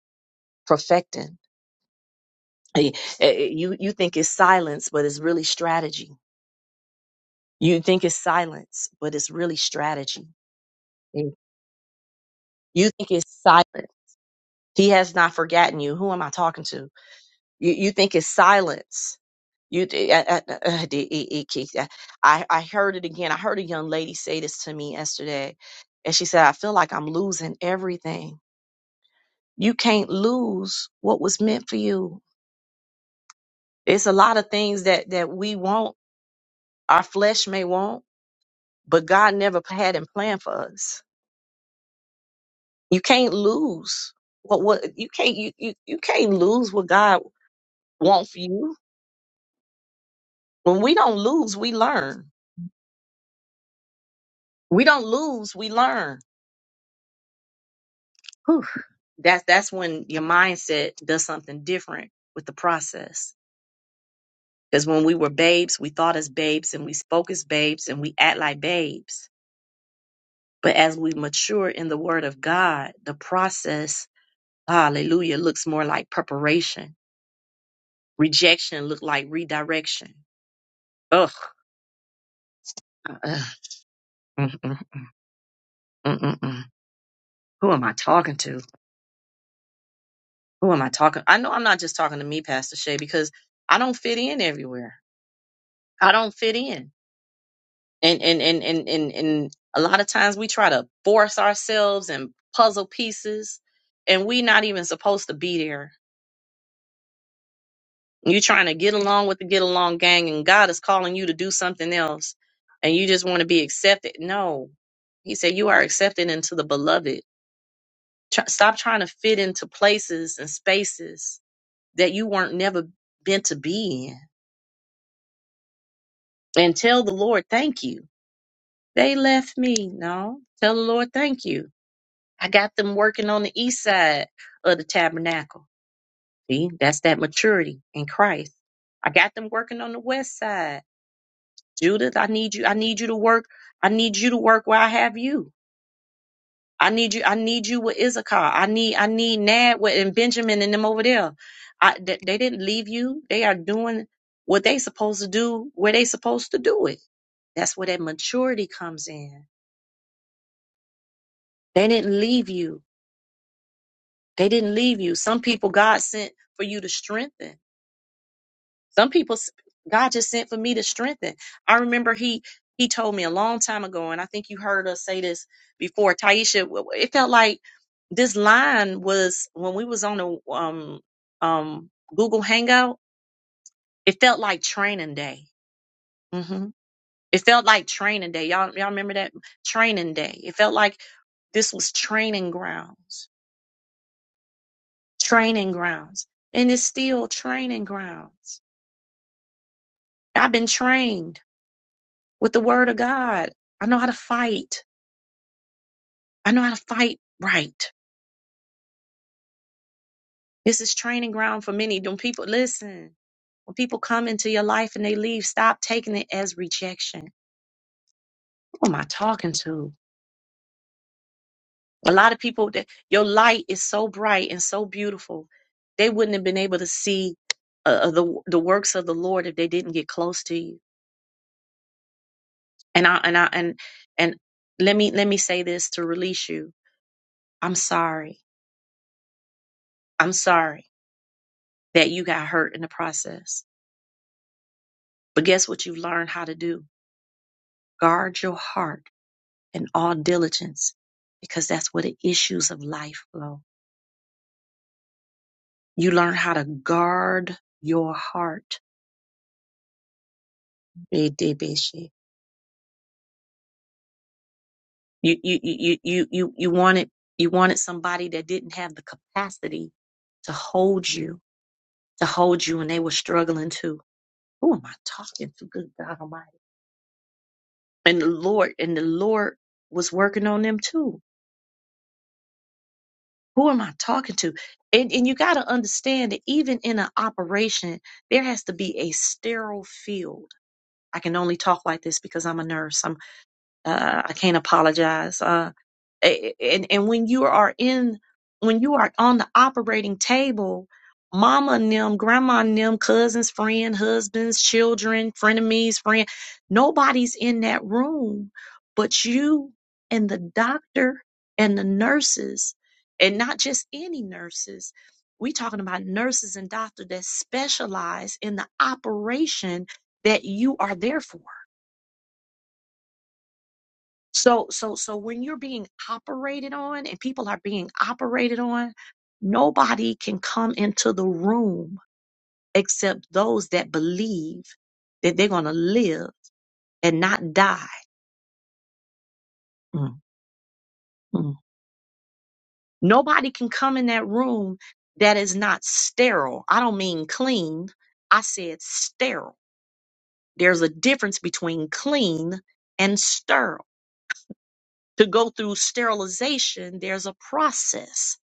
Speaker 1: perfecting. Eh, eh, eh, You, you think it's silence, but it's really strategy. You think it's silence, but it's really strategy. You think it's silent. He has not forgotten you. Who am I talking to? You, you think it's silence. You, th- I, I, I did- it- it I I heard it again. I heard a young lady say this to me yesterday, and she said, "I feel like I'm losing everything. You can't lose what was meant for you. It's a lot of things that that we want, our flesh may want, but God never had in plan for us. You can't lose what what you can't you you, you can't lose what God wants for you. When we don't lose, we learn. We don't lose, we learn. that's that's when your mindset does something different with the process. Because when we were babes, we thought as babes and we spoke as babes and we act like babes. But as we mature in the word of God, the process, hallelujah, looks more like preparation. Rejection looked like redirection. Ugh. Ugh. Mm, mm, mm, mm, mm, mm. mm. Who am I talking to? Who am I talking? I know I'm not just talking to me, Pastor Shay, because I don't fit in everywhere. I don't fit in. and and and and and, and a lot of times we try to force ourselves and puzzle pieces and we not even supposed to be there you trying to get along with the get along gang and god is calling you to do something else and you just want to be accepted no he said you are accepted into the beloved Try, stop trying to fit into places and spaces that you weren't never meant to be in and tell the lord thank you they left me no tell the lord thank you I got them working on the east side of the tabernacle. See, that's that maturity in Christ. I got them working on the west side. Judith, I need you. I need you to work. I need you to work where I have you. I need you. I need you with Issachar. I need. I need Nad with and Benjamin and them over there. I, th- they didn't leave you. They are doing what they supposed to do. Where they supposed to do it. That's where that maturity comes in. They didn't leave you. They didn't leave you. Some people God sent for you to strengthen. Some people, s- God just sent for me to strengthen. I remember He He told me a long time ago, and I think you heard us say this before, Taisha. w- w- It felt like this line was when we was on a um um Google Hangout. It felt like training day. hmm It felt like training day. Y'all y'all remember that training day? It felt like this was training grounds, training grounds, and it's still training grounds. I've been trained. with the word of God. I know how to fight. I know how to fight right. This is training ground for many. Don't people listen. When people come into your life and they leave, stop taking it as rejection. Who am I talking to? A lot of people that your light is so bright and so beautiful, they wouldn't have been able to see uh, uh, the the works of the Lord if they didn't get close to you. And I and I and and let me let me say this to release you. I'm sorry. I'm sorry that you got hurt in the process. But guess what you've learned how to do? Guard your heart in all diligence because that's where the issues of life flow. You learn how to guard your heart. You, you, you, you, you, you wanted, you wanted somebody that didn't have the capacity to hold you, to hold you and they were struggling too. Who am I talking to? Good God Almighty. And the Lord, and the Lord was working on them too Who am I talking to? And, and you got to understand that even in an operation, there has to be a sterile field. I can only talk like this because I'm a nurse. I'm, uh, I can't apologize. Uh, a- And and when you are in when you are on the operating table, mama and them, grandma and them, cousins, friend, husbands, children, frenemies, friend, nobody's in that room but you and the doctor and the nurses, and not just any nurses. We talking about nurses and doctors that specialize in the operation that you are there for so, so, so when you're being operated on and people are being operated on, nobody can come into the room except those that believe that they're going to live and not die. Mm, mm. Nobody can come in that room that is not sterile. I don't mean clean. I said sterile. There's a difference between clean and sterile. To go through sterilization, there's a process.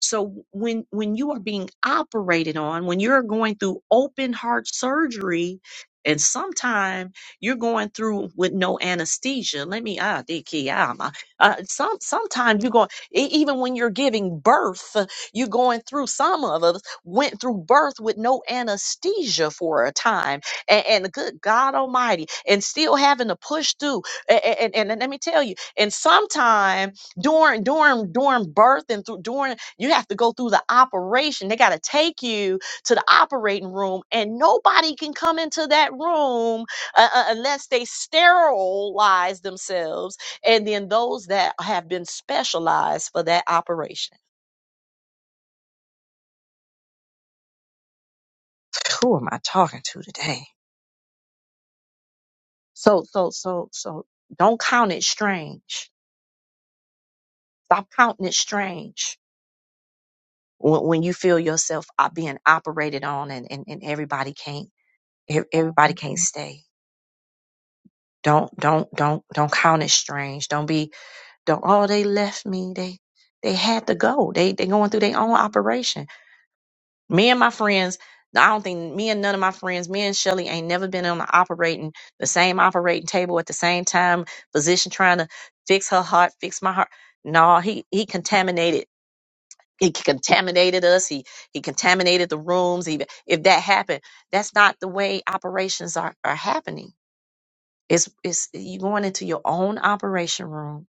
Speaker 1: So when when you are being operated on, when you're going through open heart surgery, and sometime you're going through with no anesthesia. Let me ah, Diki, ah, my- uh, some sometimes you're going e- even when you're giving birth, uh, you're going through. Some of us went through birth with no anesthesia for a time, and, and good God Almighty, and still having to push through. And, and, and let me tell you, and sometime during during during birth and through during you have to go through the operation. They got to take you to the operating room, and nobody can come into that room uh, uh, unless they sterilize themselves and then those that have been specialized for that operation. Who am I talking to today? So, so, so, so don't count it strange. Stop counting it strange when, when you feel yourself uh, being operated on and, and, and everybody can't, ev- everybody can't stay. Don't don't don't don't count it strange. Don't be don't oh they left me. They they had to go. They they going through their own operation. Me and my friends, I don't think me and none of my friends, me and Shelly ain't never been on the operating the same operating table at the same time. Physician trying to fix her heart, fix my heart. No, he he contaminated. He contaminated us. He he contaminated the rooms. Even if that happened, that's not the way operations are, are happening it's it's you going into your own operation room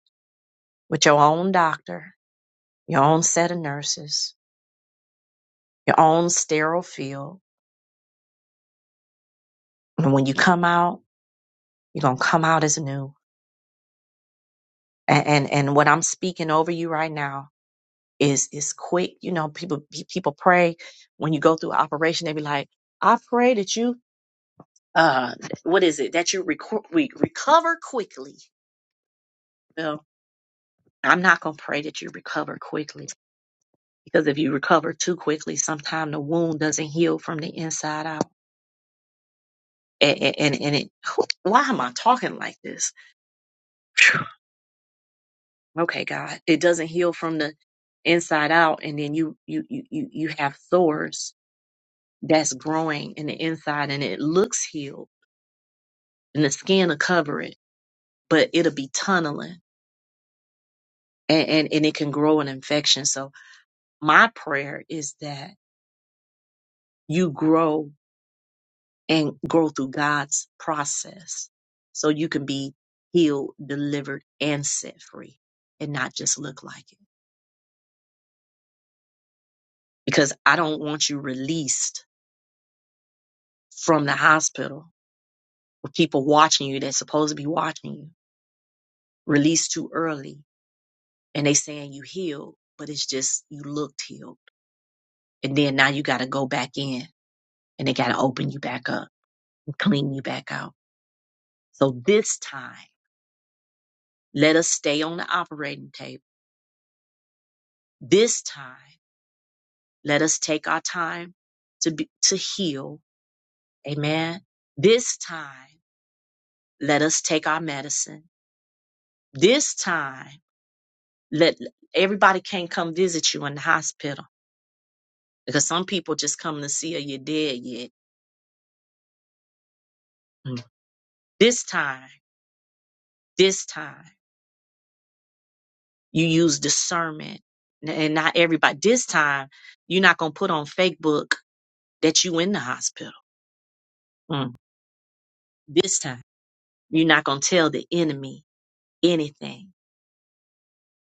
Speaker 1: with your own doctor, your own set of nurses, your own sterile field. And when you come out, you're gonna come out as new. And and, and what I'm speaking over you right now is is quick. You know, people pe- people pray when you go through an operation, they be like, I pray that you uh what is it that you reco- we recover quickly. Well, I'm not gonna pray that you recover quickly. because if you recover too quickly, sometimes the wound doesn't heal from the inside out. And, and, and it, why am I talking like this? Phew. Okay, God, it doesn't heal from the inside out. And then you, you, you, you, you have sores that's growing in the inside and it looks healed and the skin will cover it, but it'll be tunneling and, and, and it can grow an infection. So my prayer is that you grow and grow through God's process so you can be healed, delivered, and set free and not just look like it. Because I don't want you released from the hospital with people watching you that's supposed to be watching you, released too early and they saying you healed, but it's just you looked healed. And then now you got to go back in and they got to open you back up and clean you back out. So this time, let us stay on the operating table. This time, Let us take our time to be, to heal. Amen. This time, let us take our medicine. This time, let everybody can't come visit you in the hospital because some people just come to see if you're dead yet. Mm. This time, this time, you use discernment, and not everybody. This time, you're not gonna put on fake book that you in the hospital. Mm. This time, you're not gonna tell the enemy anything.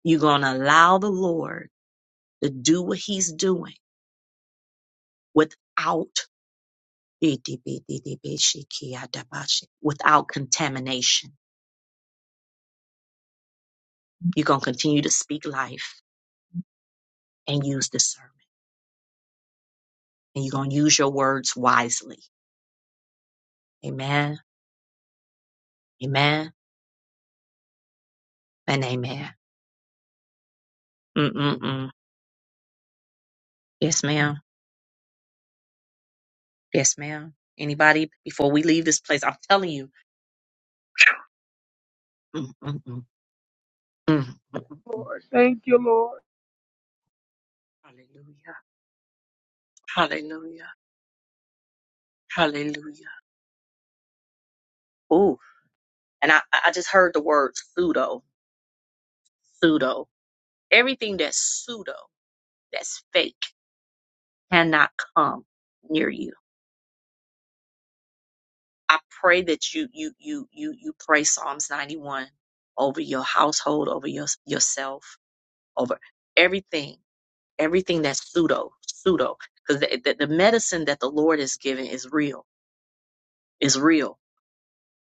Speaker 1: You're gonna allow the Lord to do what he's doing without without contamination. You're going to continue to speak life and use discernment. And you're going to use your words wisely. Amen. Amen. And amen. Mm-mm-mm. Yes, ma'am. Yes, ma'am. Anybody before we leave this place, I'm telling you. Mm-mm-mm. Mm-mm-mm.
Speaker 5: Lord. Thank you, Lord.
Speaker 1: Hallelujah. Hallelujah. Hallelujah. Ooh. And I I just heard the word pseudo. Pseudo Everything that's pseudo, that's fake, cannot come near you. I pray that you you you you you pray Psalms 91 over your household, over your yourself, over everything, everything that's pseudo, pseudo, because the, the, the medicine that the Lord is giving is real, is real.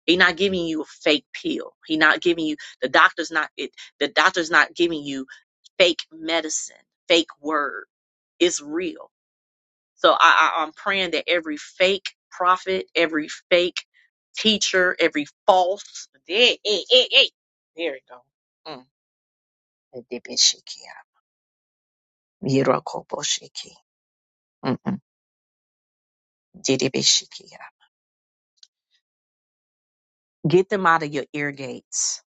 Speaker 1: He's not giving you a fake pill. He's not giving you the doctor's not it. The doctor's not giving you fake medicine, fake word. It's real So I, I, I'm praying that every fake prophet, every fake teacher, every false, hey, hey, hey, hey. there it go. Mm. Didibishikia. Yirokoboshiki. Mm-mm. Didibishikia. Get them out of your ear gates.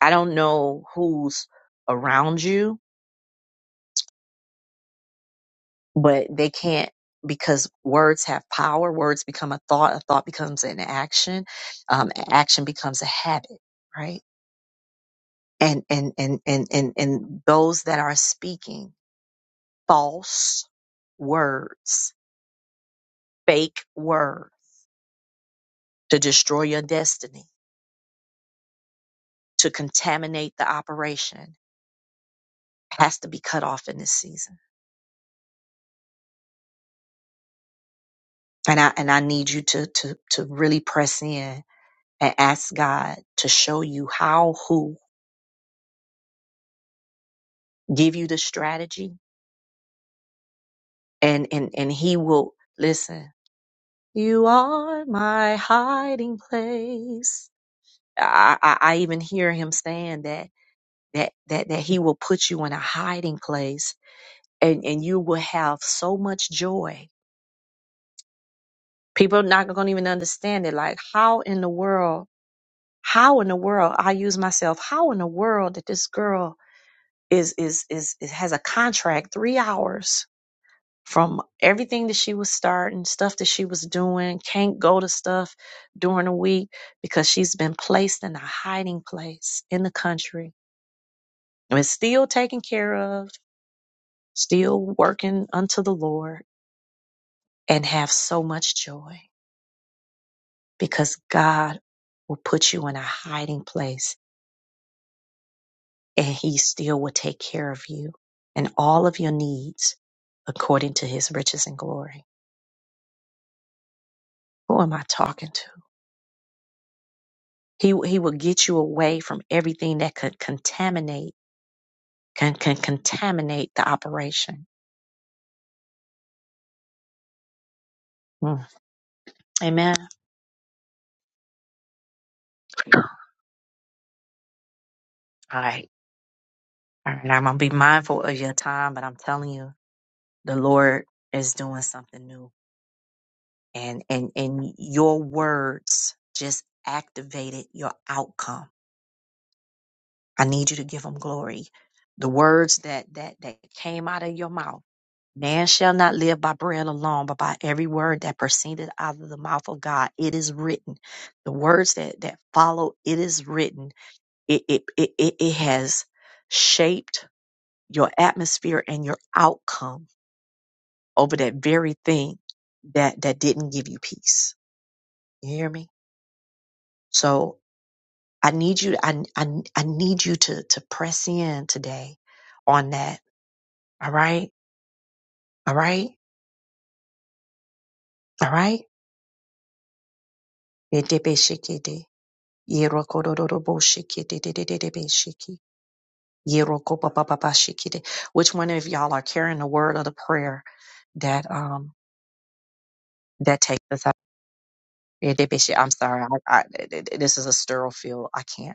Speaker 1: I don't know who's around you, but they can't because words have power. Words become a thought. A thought becomes an action. Um, action becomes a habit, right? and and and and and, and those that are speaking false words fake words to destroy your destiny to contaminate the operation has to be cut off in this season and i and i need you to to to really press in and ask god to show you how who give you the strategy and and and he will listen you are my hiding place i i, I even hear him saying that that that that he will put you in a hiding place and and you will have so much joy people are not going to even understand it like how in the world how in the world i use myself how in the world that this girl is is is, is has a contract 3 hours from everything that she was starting stuff that she was doing can't go to stuff during the week because she's been placed in a hiding place in the country and is still taken care of still working unto the Lord and have so much joy because God will put you in a hiding place and he still will take care of you and all of your needs according to his riches and glory. Who am I talking to? He, he will get you away from everything that could contaminate, can, can contaminate the operation. Mm. Amen. All right. All right. I'm going to be mindful of your time, but I'm telling you, the Lord is doing something new and and and your words just activated your outcome i need you to give them glory the words that that that came out of your mouth man shall not live by bread alone but by every word that proceeded out of the mouth of god it is written the words that that follow it is written it it it, it, it has shaped your atmosphere and your outcome over that very thing that that didn't give you peace you hear me so I need you, I, I, I need you to, to press in today on that. All right. All right. All right. Etebeshekede, yerokododoroboshekidedededebesheki, yerokobabababashekide. Which one of y'all are carrying the word of the prayer that, um, that takes us out? Etebeshi- I'm sorry. I, I, this is a sterile field. I can't.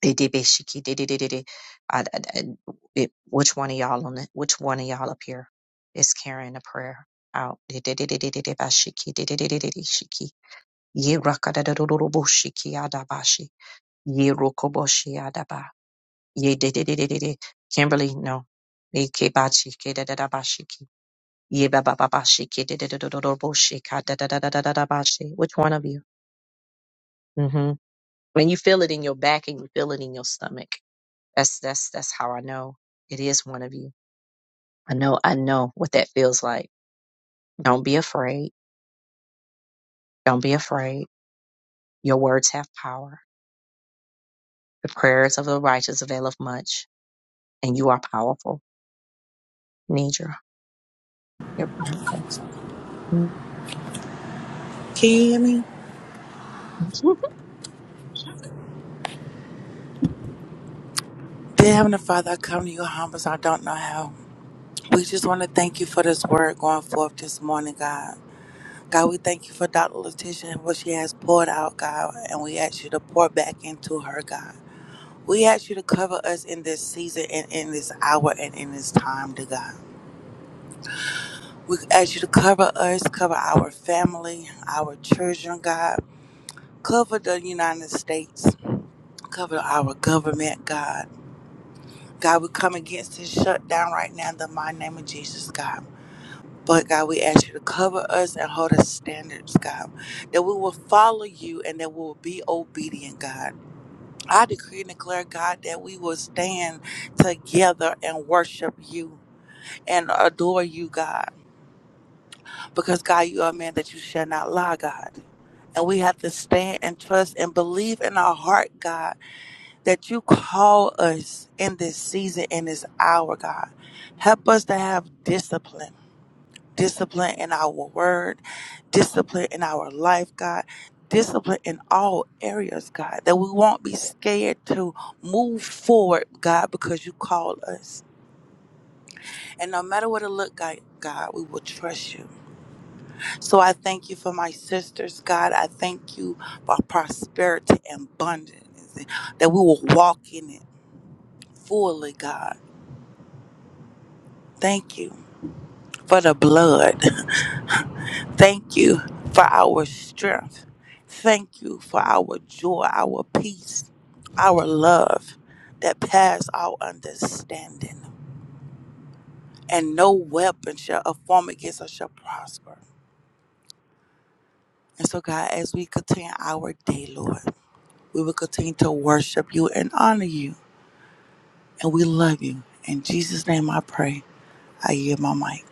Speaker 1: Dee-dee-bee-shiki, dee dee I- I- I- it- Which one of y'all on the, which one of y'all up here is carrying a prayer out? Dee-dee-dee-dee-dee-dee-bashiki, dee-dee-dee-dee-dee-dee-shiki. Ye-raka-da-da-da-da-da-bushiki, adabashi. Ye-rokoboshi, adaba. ye dee dee dee dee dee Kimberly, no. Ikebachi, ke-da-da-da-bashiki. Ye-ba-ba-ba-bashiki, dee-dee-dee-dee-dee-bushika, da-da-da-da-da-da-bashi. Which one of you? Mm-hmm. And you feel it in your back and you feel it in your stomach That's that's that's how I know it is one of you. I know I know what that feels like. Don't be afraid. Don't be afraid. Your words have power. The prayers of the righteous availeth much, and you are powerful, Nidra. You're powerful.
Speaker 15: Can you hear me? Dear Heavenly Father, I come to you humble as I don't know how. We just want to thank you for this word going forth this morning, God. God, we thank you for Dr. Letitia and what she has poured out, God, and we ask you to pour back into her, God. We ask you to cover us in this season and in this hour and in this time, dear God. We ask you to cover us, cover our family, our children, God. Cover the United States. Cover our government, God. God, we come against this shutdown right now in the mighty name of Jesus, God. But God, we ask you to cover us and hold us standards, God, that we will follow you and that we will be obedient, God. I decree and declare, God, that we will stand together and worship you and adore you, God. Because, God, you are a man that you shall not lie, God. And we have to stand and trust and believe in our heart, God, that you call us in this season, in this hour, God. Help us to have discipline, discipline in our word, discipline in our life, God, discipline in all areas, God, that we won't be scared to move forward, God, because you called us. And no matter what it look like, God, we will trust you. So I thank you for my sisters, God. I thank you for prosperity and abundance, and that we will walk in it fully, God. Thank you for the blood. Thank you for our strength. Thank you for our joy, our peace, our love that pass all understanding. And no weapon shall a form against us shall prosper. And so, God, as we continue our day, Lord, we will continue to worship you and honor you. And we love you. In Jesus' name I pray. I yield my mic.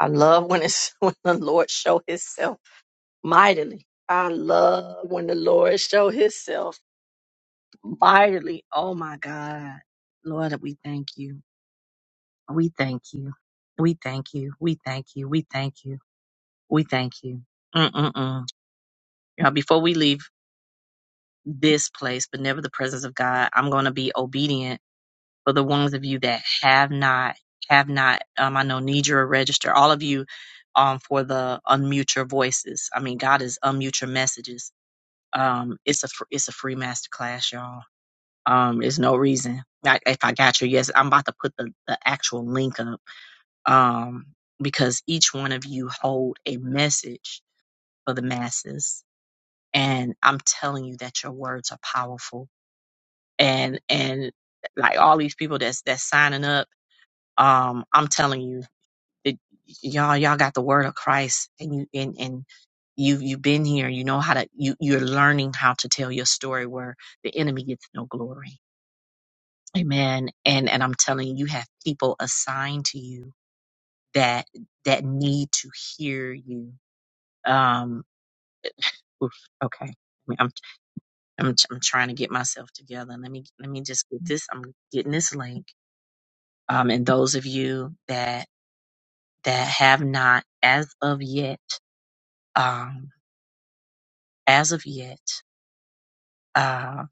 Speaker 1: I love when it's when the Lord show Himself mightily. I love when the Lord show Himself mightily. Oh my God, Lord, we thank you. We thank you. We thank you. We thank you. We thank you. We thank you. Mm-mm-mm. Now, before we leave this place, but never the presence of God, I'm going to be obedient for the ones of you that have not, have not, um, I know need your register, all of you, um, for the unmute your voices. I mean, God is unmute your messages. Um, it's a, fr- it's a free master class, y'all. Um, there's no reason. I, if I got you, yes, I'm about to put the, the actual link up. Um, because each one of you hold a message for the masses and I'm telling you that your words are powerful. And and like all these people that's that's signing up, um, I'm telling you that y'all y'all got the word of Christ, and you and and you you've been here. You know how to you you're learning how to tell your story where the enemy gets no glory. Amen. And and I'm telling you, you have people assigned to you that that need to hear you. Um, oof, okay. I'm I'm trying to get myself together. Let me let me just get this. I'm getting this link. Um, and those of you that that have not as of yet, um, as of yet, uh,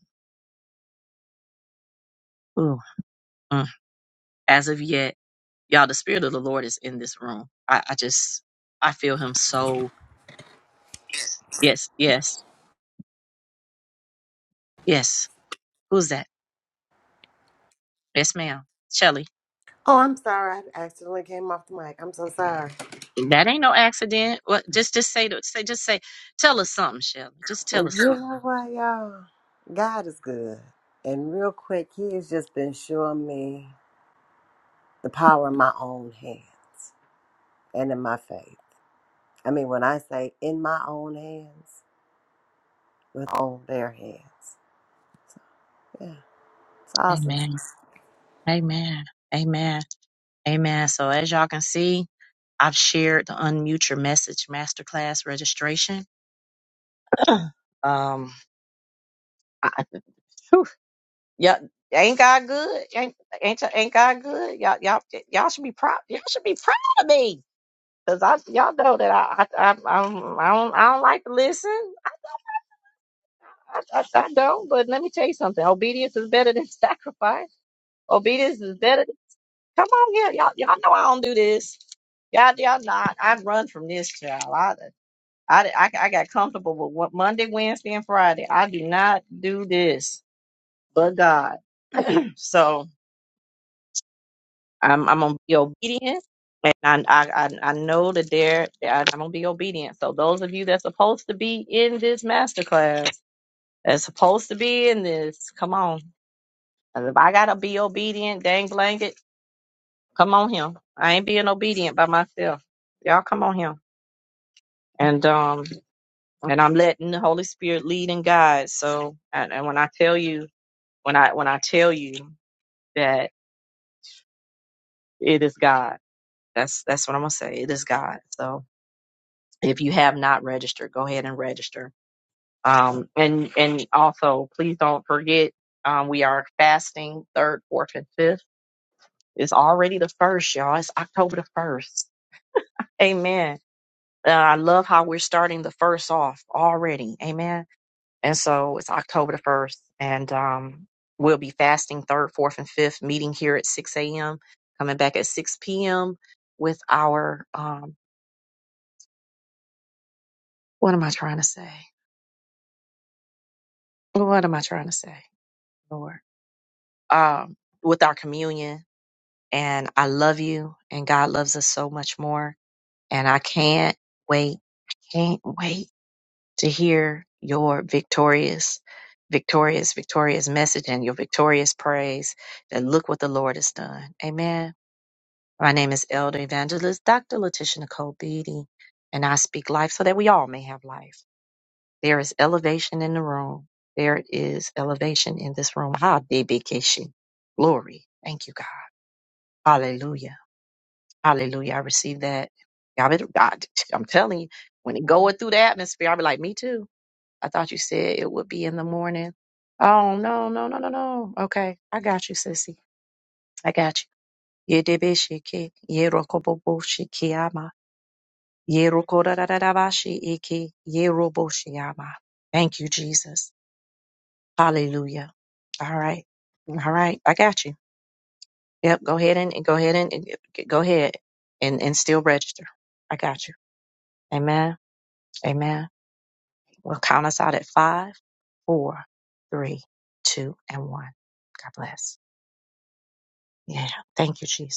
Speaker 1: ooh, mm, as of yet, y'all, the spirit of the Lord is in this room. I, I just I feel Him so. Yes, yes, yes. Who's that? Yes, ma'am. Shelly.
Speaker 13: Oh, I'm sorry. I accidentally came off the mic. I'm so sorry.
Speaker 1: That ain't no accident. What? Just just say to say just say. Tell us something, Shelly. Just tell
Speaker 13: Well,
Speaker 1: us
Speaker 13: you
Speaker 1: something.
Speaker 13: know what, y'all? God is good. And real quick, He has just been showing me. the power in my own hands and in my faith. I mean, when I say in my own hands, with on their hands, yeah, it's awesome.
Speaker 1: Amen. Amen. Amen. Amen. So as y'all can see, I've shared the Unmute Your Message Masterclass registration. um, I, whew, yeah, ain't God good? Ain't ain't ain't God good? Y'all y'all y'all should be proud. Y'all should be proud of me because I y'all know that I I I, I, don't, I don't I don't like to listen. I, I, I I don't. But let me tell you something. Obedience is better than sacrifice. Obedience is better. Come on here, y'all. Y'all know I don't do this. Y'all, y'all not. I run from this child. I, I, I, I got comfortable with what Monday, Wednesday, and Friday. I do not do this, but God. So I'm, I'm gonna be obedient, and I, I, I I know that there. I- I'm gonna be obedient. So those of you that's supposed to be in this masterclass, that's supposed to be in this, come on. If I gotta be obedient, dang blanket, come on here. I ain't being obedient by myself. Y'all come on here. and um and I'm letting the Holy Spirit lead and guide. So and, and when I tell you when I when I tell you that it is God, that's that's what I'm gonna say. It is God. So if you have not registered, go ahead and register. Um and and also please don't forget um we are fasting third, fourth, and fifth. It's already the first, y'all. It's October the first. Amen. Uh, I love how we're starting the first off already. Amen And so it's October the 1st, and um, we'll be fasting third, fourth, and fifth, meeting here at 6 a.m., coming back at 6 p.m. with our, um, what am I trying to say? What am I trying to say, Lord? Um, with our communion. And I love you, and God loves us so much more. And I can't wait, can't wait to hear your victorious, victorious, victorious message and your victorious praise that look what the Lord has done. Amen. My name is Elder Evangelist Dr. Letitia Nicole Beatty, and I speak life so that we all may have life. There is elevation in the room. There is elevation in this room. Ha, Debikishi. Glory. Thank you, God. Hallelujah. Hallelujah. I receive that. Y'all better, I, am telling you, when it going through the atmosphere, I'll be like, me too. I thought you said it would be in the morning. Oh, no, no, no, no, no. Okay. I got you, sissy. I got you. Yedebeshiki, yerokoboboshiki, Yerokorararabashi eke yeroboshiyama. Thank you, Jesus. Hallelujah. All right. All right. I got you. Yep. Go ahead and and go ahead and and go ahead and, and still register. I got you. Amen. Amen. We'll count us out at five, four, three, two, and one. God bless. Yeah. Thank you, Jesus.